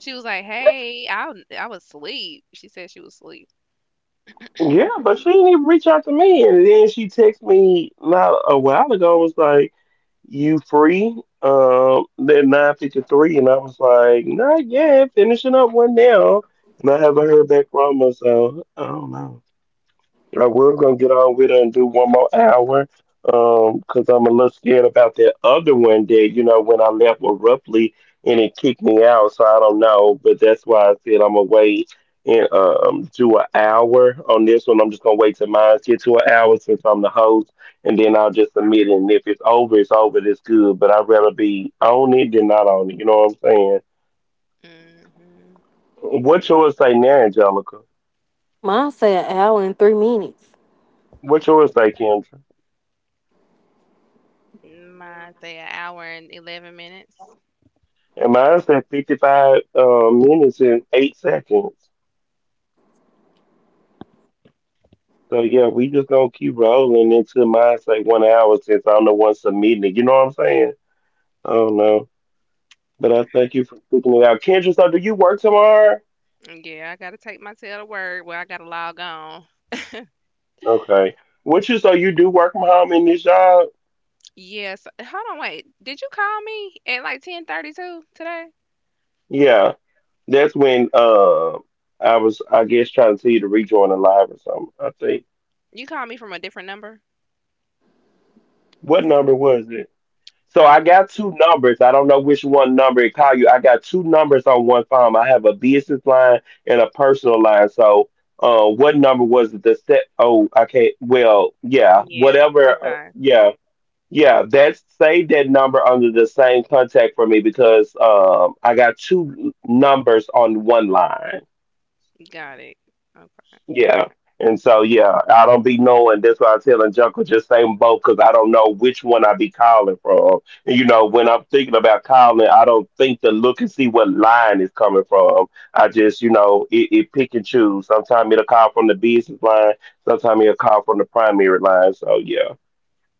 Speaker 2: She was like, "Hey, I was asleep." She said she was asleep.
Speaker 1: Yeah, but she didn't even reach out to me. And then she texted me not a while ago, was like, "You free?" At 9:53, and I was like, "Not yet, finishing up one now." And I haven't heard back from her, so I don't know. I was gonna get on with her and do one more hour, cause I'm a little scared about that other one that you know when I left abruptly and it kicked me out, so I don't know. But that's why I said I'm gonna wait and do an hour on this one. I'm just gonna wait till mine get to an hour since I'm the host, and then I'll just submit it. And if it's over, it's over. It's good. But I'd rather be on it than not on it. You know what I'm saying?
Speaker 2: Mhm.
Speaker 1: What yours say now, Angelica?
Speaker 4: Mine said an hour and 3 minutes.
Speaker 1: What yours say, Kendra?
Speaker 2: My say an hour and 11 minutes.
Speaker 1: And mine said 55 minutes and 8 seconds. So yeah, we just gonna keep rolling until mine say 1 hour since I'm the one submitting it. You know what I'm saying? I don't know. But I thank you for sticking it out. Kendra, so do you work tomorrow?
Speaker 2: Yeah, I gotta take my tail to work. Well, I gotta log on.
Speaker 1: Okay. What you So you do work from home in this job?
Speaker 2: Yes. Hold on, wait. Did you call me at like 10:32 today?
Speaker 1: Yeah. That's when I was, I guess, trying to tell you to rejoin the live or something, I think.
Speaker 2: You called me from a different number.
Speaker 1: What number was it? So I
Speaker 2: N-
Speaker 1: got two numbers. I don't know which one number it call you. I got two numbers on one phone. I have a business line and a personal line. So what number was it? The set? Oh, I can't. Well, yeah,
Speaker 2: yeah.
Speaker 1: whatever.
Speaker 2: Okay.
Speaker 1: Yeah, yeah. That's save that number under the same contact for me because I got two numbers on one line.
Speaker 2: Got it. Okay.
Speaker 1: Yeah. And so, yeah, I don't be knowing. That's why I telling Uncle just say 'em both because I don't know which one I be calling from. And, you know, when I'm thinking about calling, I don't think to look and see what line is coming from. I just, you know, it pick and choose. Sometimes it'll call from the business line. Sometimes it'll call from the primary line. So, yeah,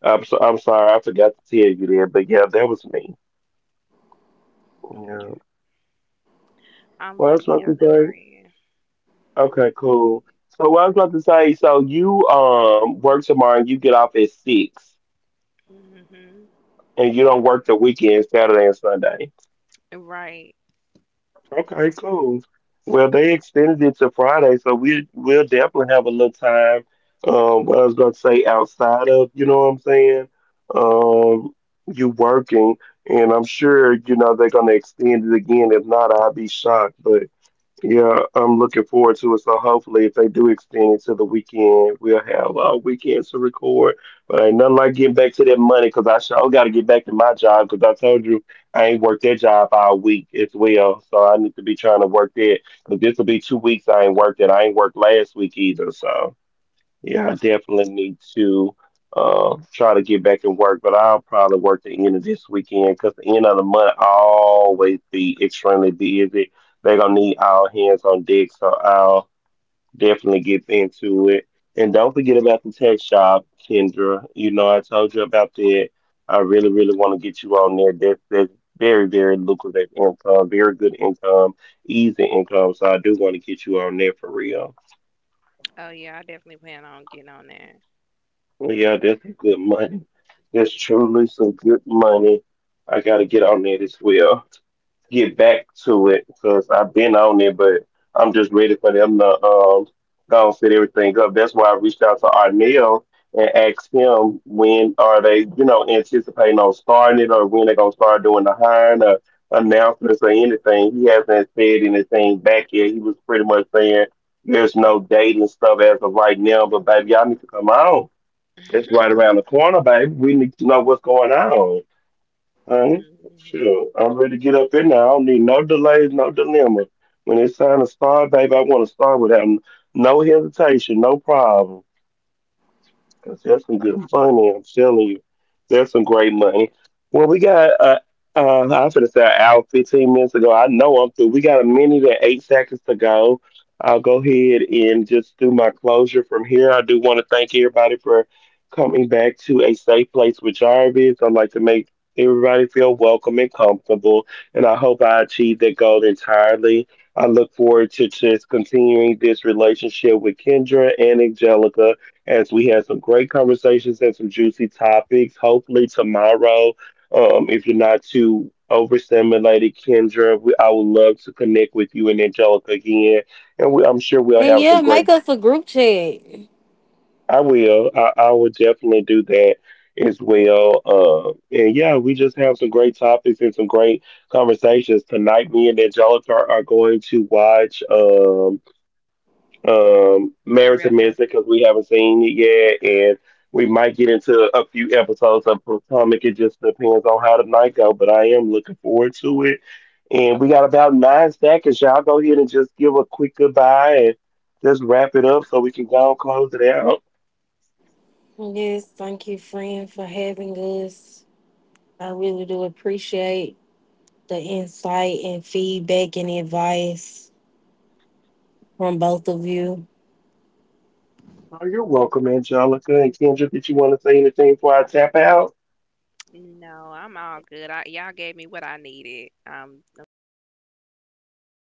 Speaker 1: I'm sorry. I forgot to tell you there. But, yeah, that was me. Yeah.
Speaker 2: I'm
Speaker 1: Well, that's
Speaker 2: locking y'all
Speaker 1: nothing.
Speaker 2: number
Speaker 1: Okay, cool. So what I was about to say, so you work tomorrow and you get off at six
Speaker 2: in. Hmm.
Speaker 1: and you don't work the weekend, Saturday and Sunday.
Speaker 2: Right.
Speaker 1: Okay, cool. Well, they extended it to Friday, so we'll definitely have a little time. What I was going to say outside of, you know what I'm saying? Um, you working, and I'm sure you know they're gonna extend it again. If not, I'd be shocked. Yeah, I'm looking forward to it. So hopefully, if they do extend it to the weekend, we'll have weekends to record. But ain't nothing like getting back to that money because I sure got to get back to my job because I told you I ain't worked that job all week as well. So I need to be trying to work that because this will be 2 weeks I ain't worked it. I ain't worked last week either. So. Yeah, I definitely need to try to get back and work, but I'll probably work the end of this weekend because the end of the month I always be extremely busy. They're gonna need all hands on deck, so I'll definitely get into it. And don't forget about the tech shop, Kendra. You know I told you about that. I really, really want to get you on there. That's very, very lucrative income, very good income, easy income. So I do want to get you on there for real.
Speaker 2: Oh yeah, I definitely plan on getting on that.
Speaker 1: Well, yeah, that's some good money. That's truly some good money. I gotta get on it as well. Get back to it because I've been on it, but I'm just ready for them to go and set everything up. That's why I reached out to Arnell and asked him when are they, you know, anticipating on starting it or when they're gonna start doing the hiring or announcements or anything. He hasn't said anything back yet. He was pretty much saying there's no date and stuff as of right now, but baby, y'all need to come on, it's right around the corner, baby. We need to know what's going on, honey.
Speaker 2: Mm
Speaker 1: Sure,
Speaker 2: hmm.
Speaker 1: I'm ready to get up in there. I don't need no delays, no dilemma. When it's time to start, baby, I want to start without no hesitation, no problem. Because that's some good money, I'm telling you. That's some great money. Well, we got, I was going to say an hour 15 minutes ago. I know I'm through. We got a minute and 8 seconds to go. I'll go ahead and just do my closure from here. I do want to thank everybody for coming back to A Safe Place with Jarvis. I'd like to make everybody feel welcome and comfortable, and I hope I achieved that goal entirely. I look forward to just continuing this relationship with Kendra and Angelica as we had some great conversations and some juicy topics. Hopefully tomorrow, if you're not too overstimulated, Kendra, I would love to connect with you and Angelica again, and I'm sure we'll
Speaker 4: And
Speaker 1: have
Speaker 4: yeah,
Speaker 1: some
Speaker 4: make
Speaker 1: great.
Speaker 4: us a group chat.
Speaker 1: I will. I will definitely do that as well. And yeah, we just have some great topics and some great conversations tonight. Me and Angelica are going to watch. Married
Speaker 2: Real
Speaker 1: to
Speaker 2: house.
Speaker 1: Missing because we haven't seen it yet, and we might get into a few episodes of Potomac. It just depends on how the night go, but I am looking forward to it. And we got about 9 seconds. Y'all go ahead and just give a quick goodbye and just wrap it up so we can go and close it out.
Speaker 4: Yes, thank you, friend, for having us. I really do appreciate the insight and feedback and advice from both of you.
Speaker 1: Oh, you're welcome, Angelica and Kendra. Did you want to say anything before I tap out?
Speaker 2: No, I'm all good. Y'all gave me what I needed. I'm thankful.
Speaker 1: Okay.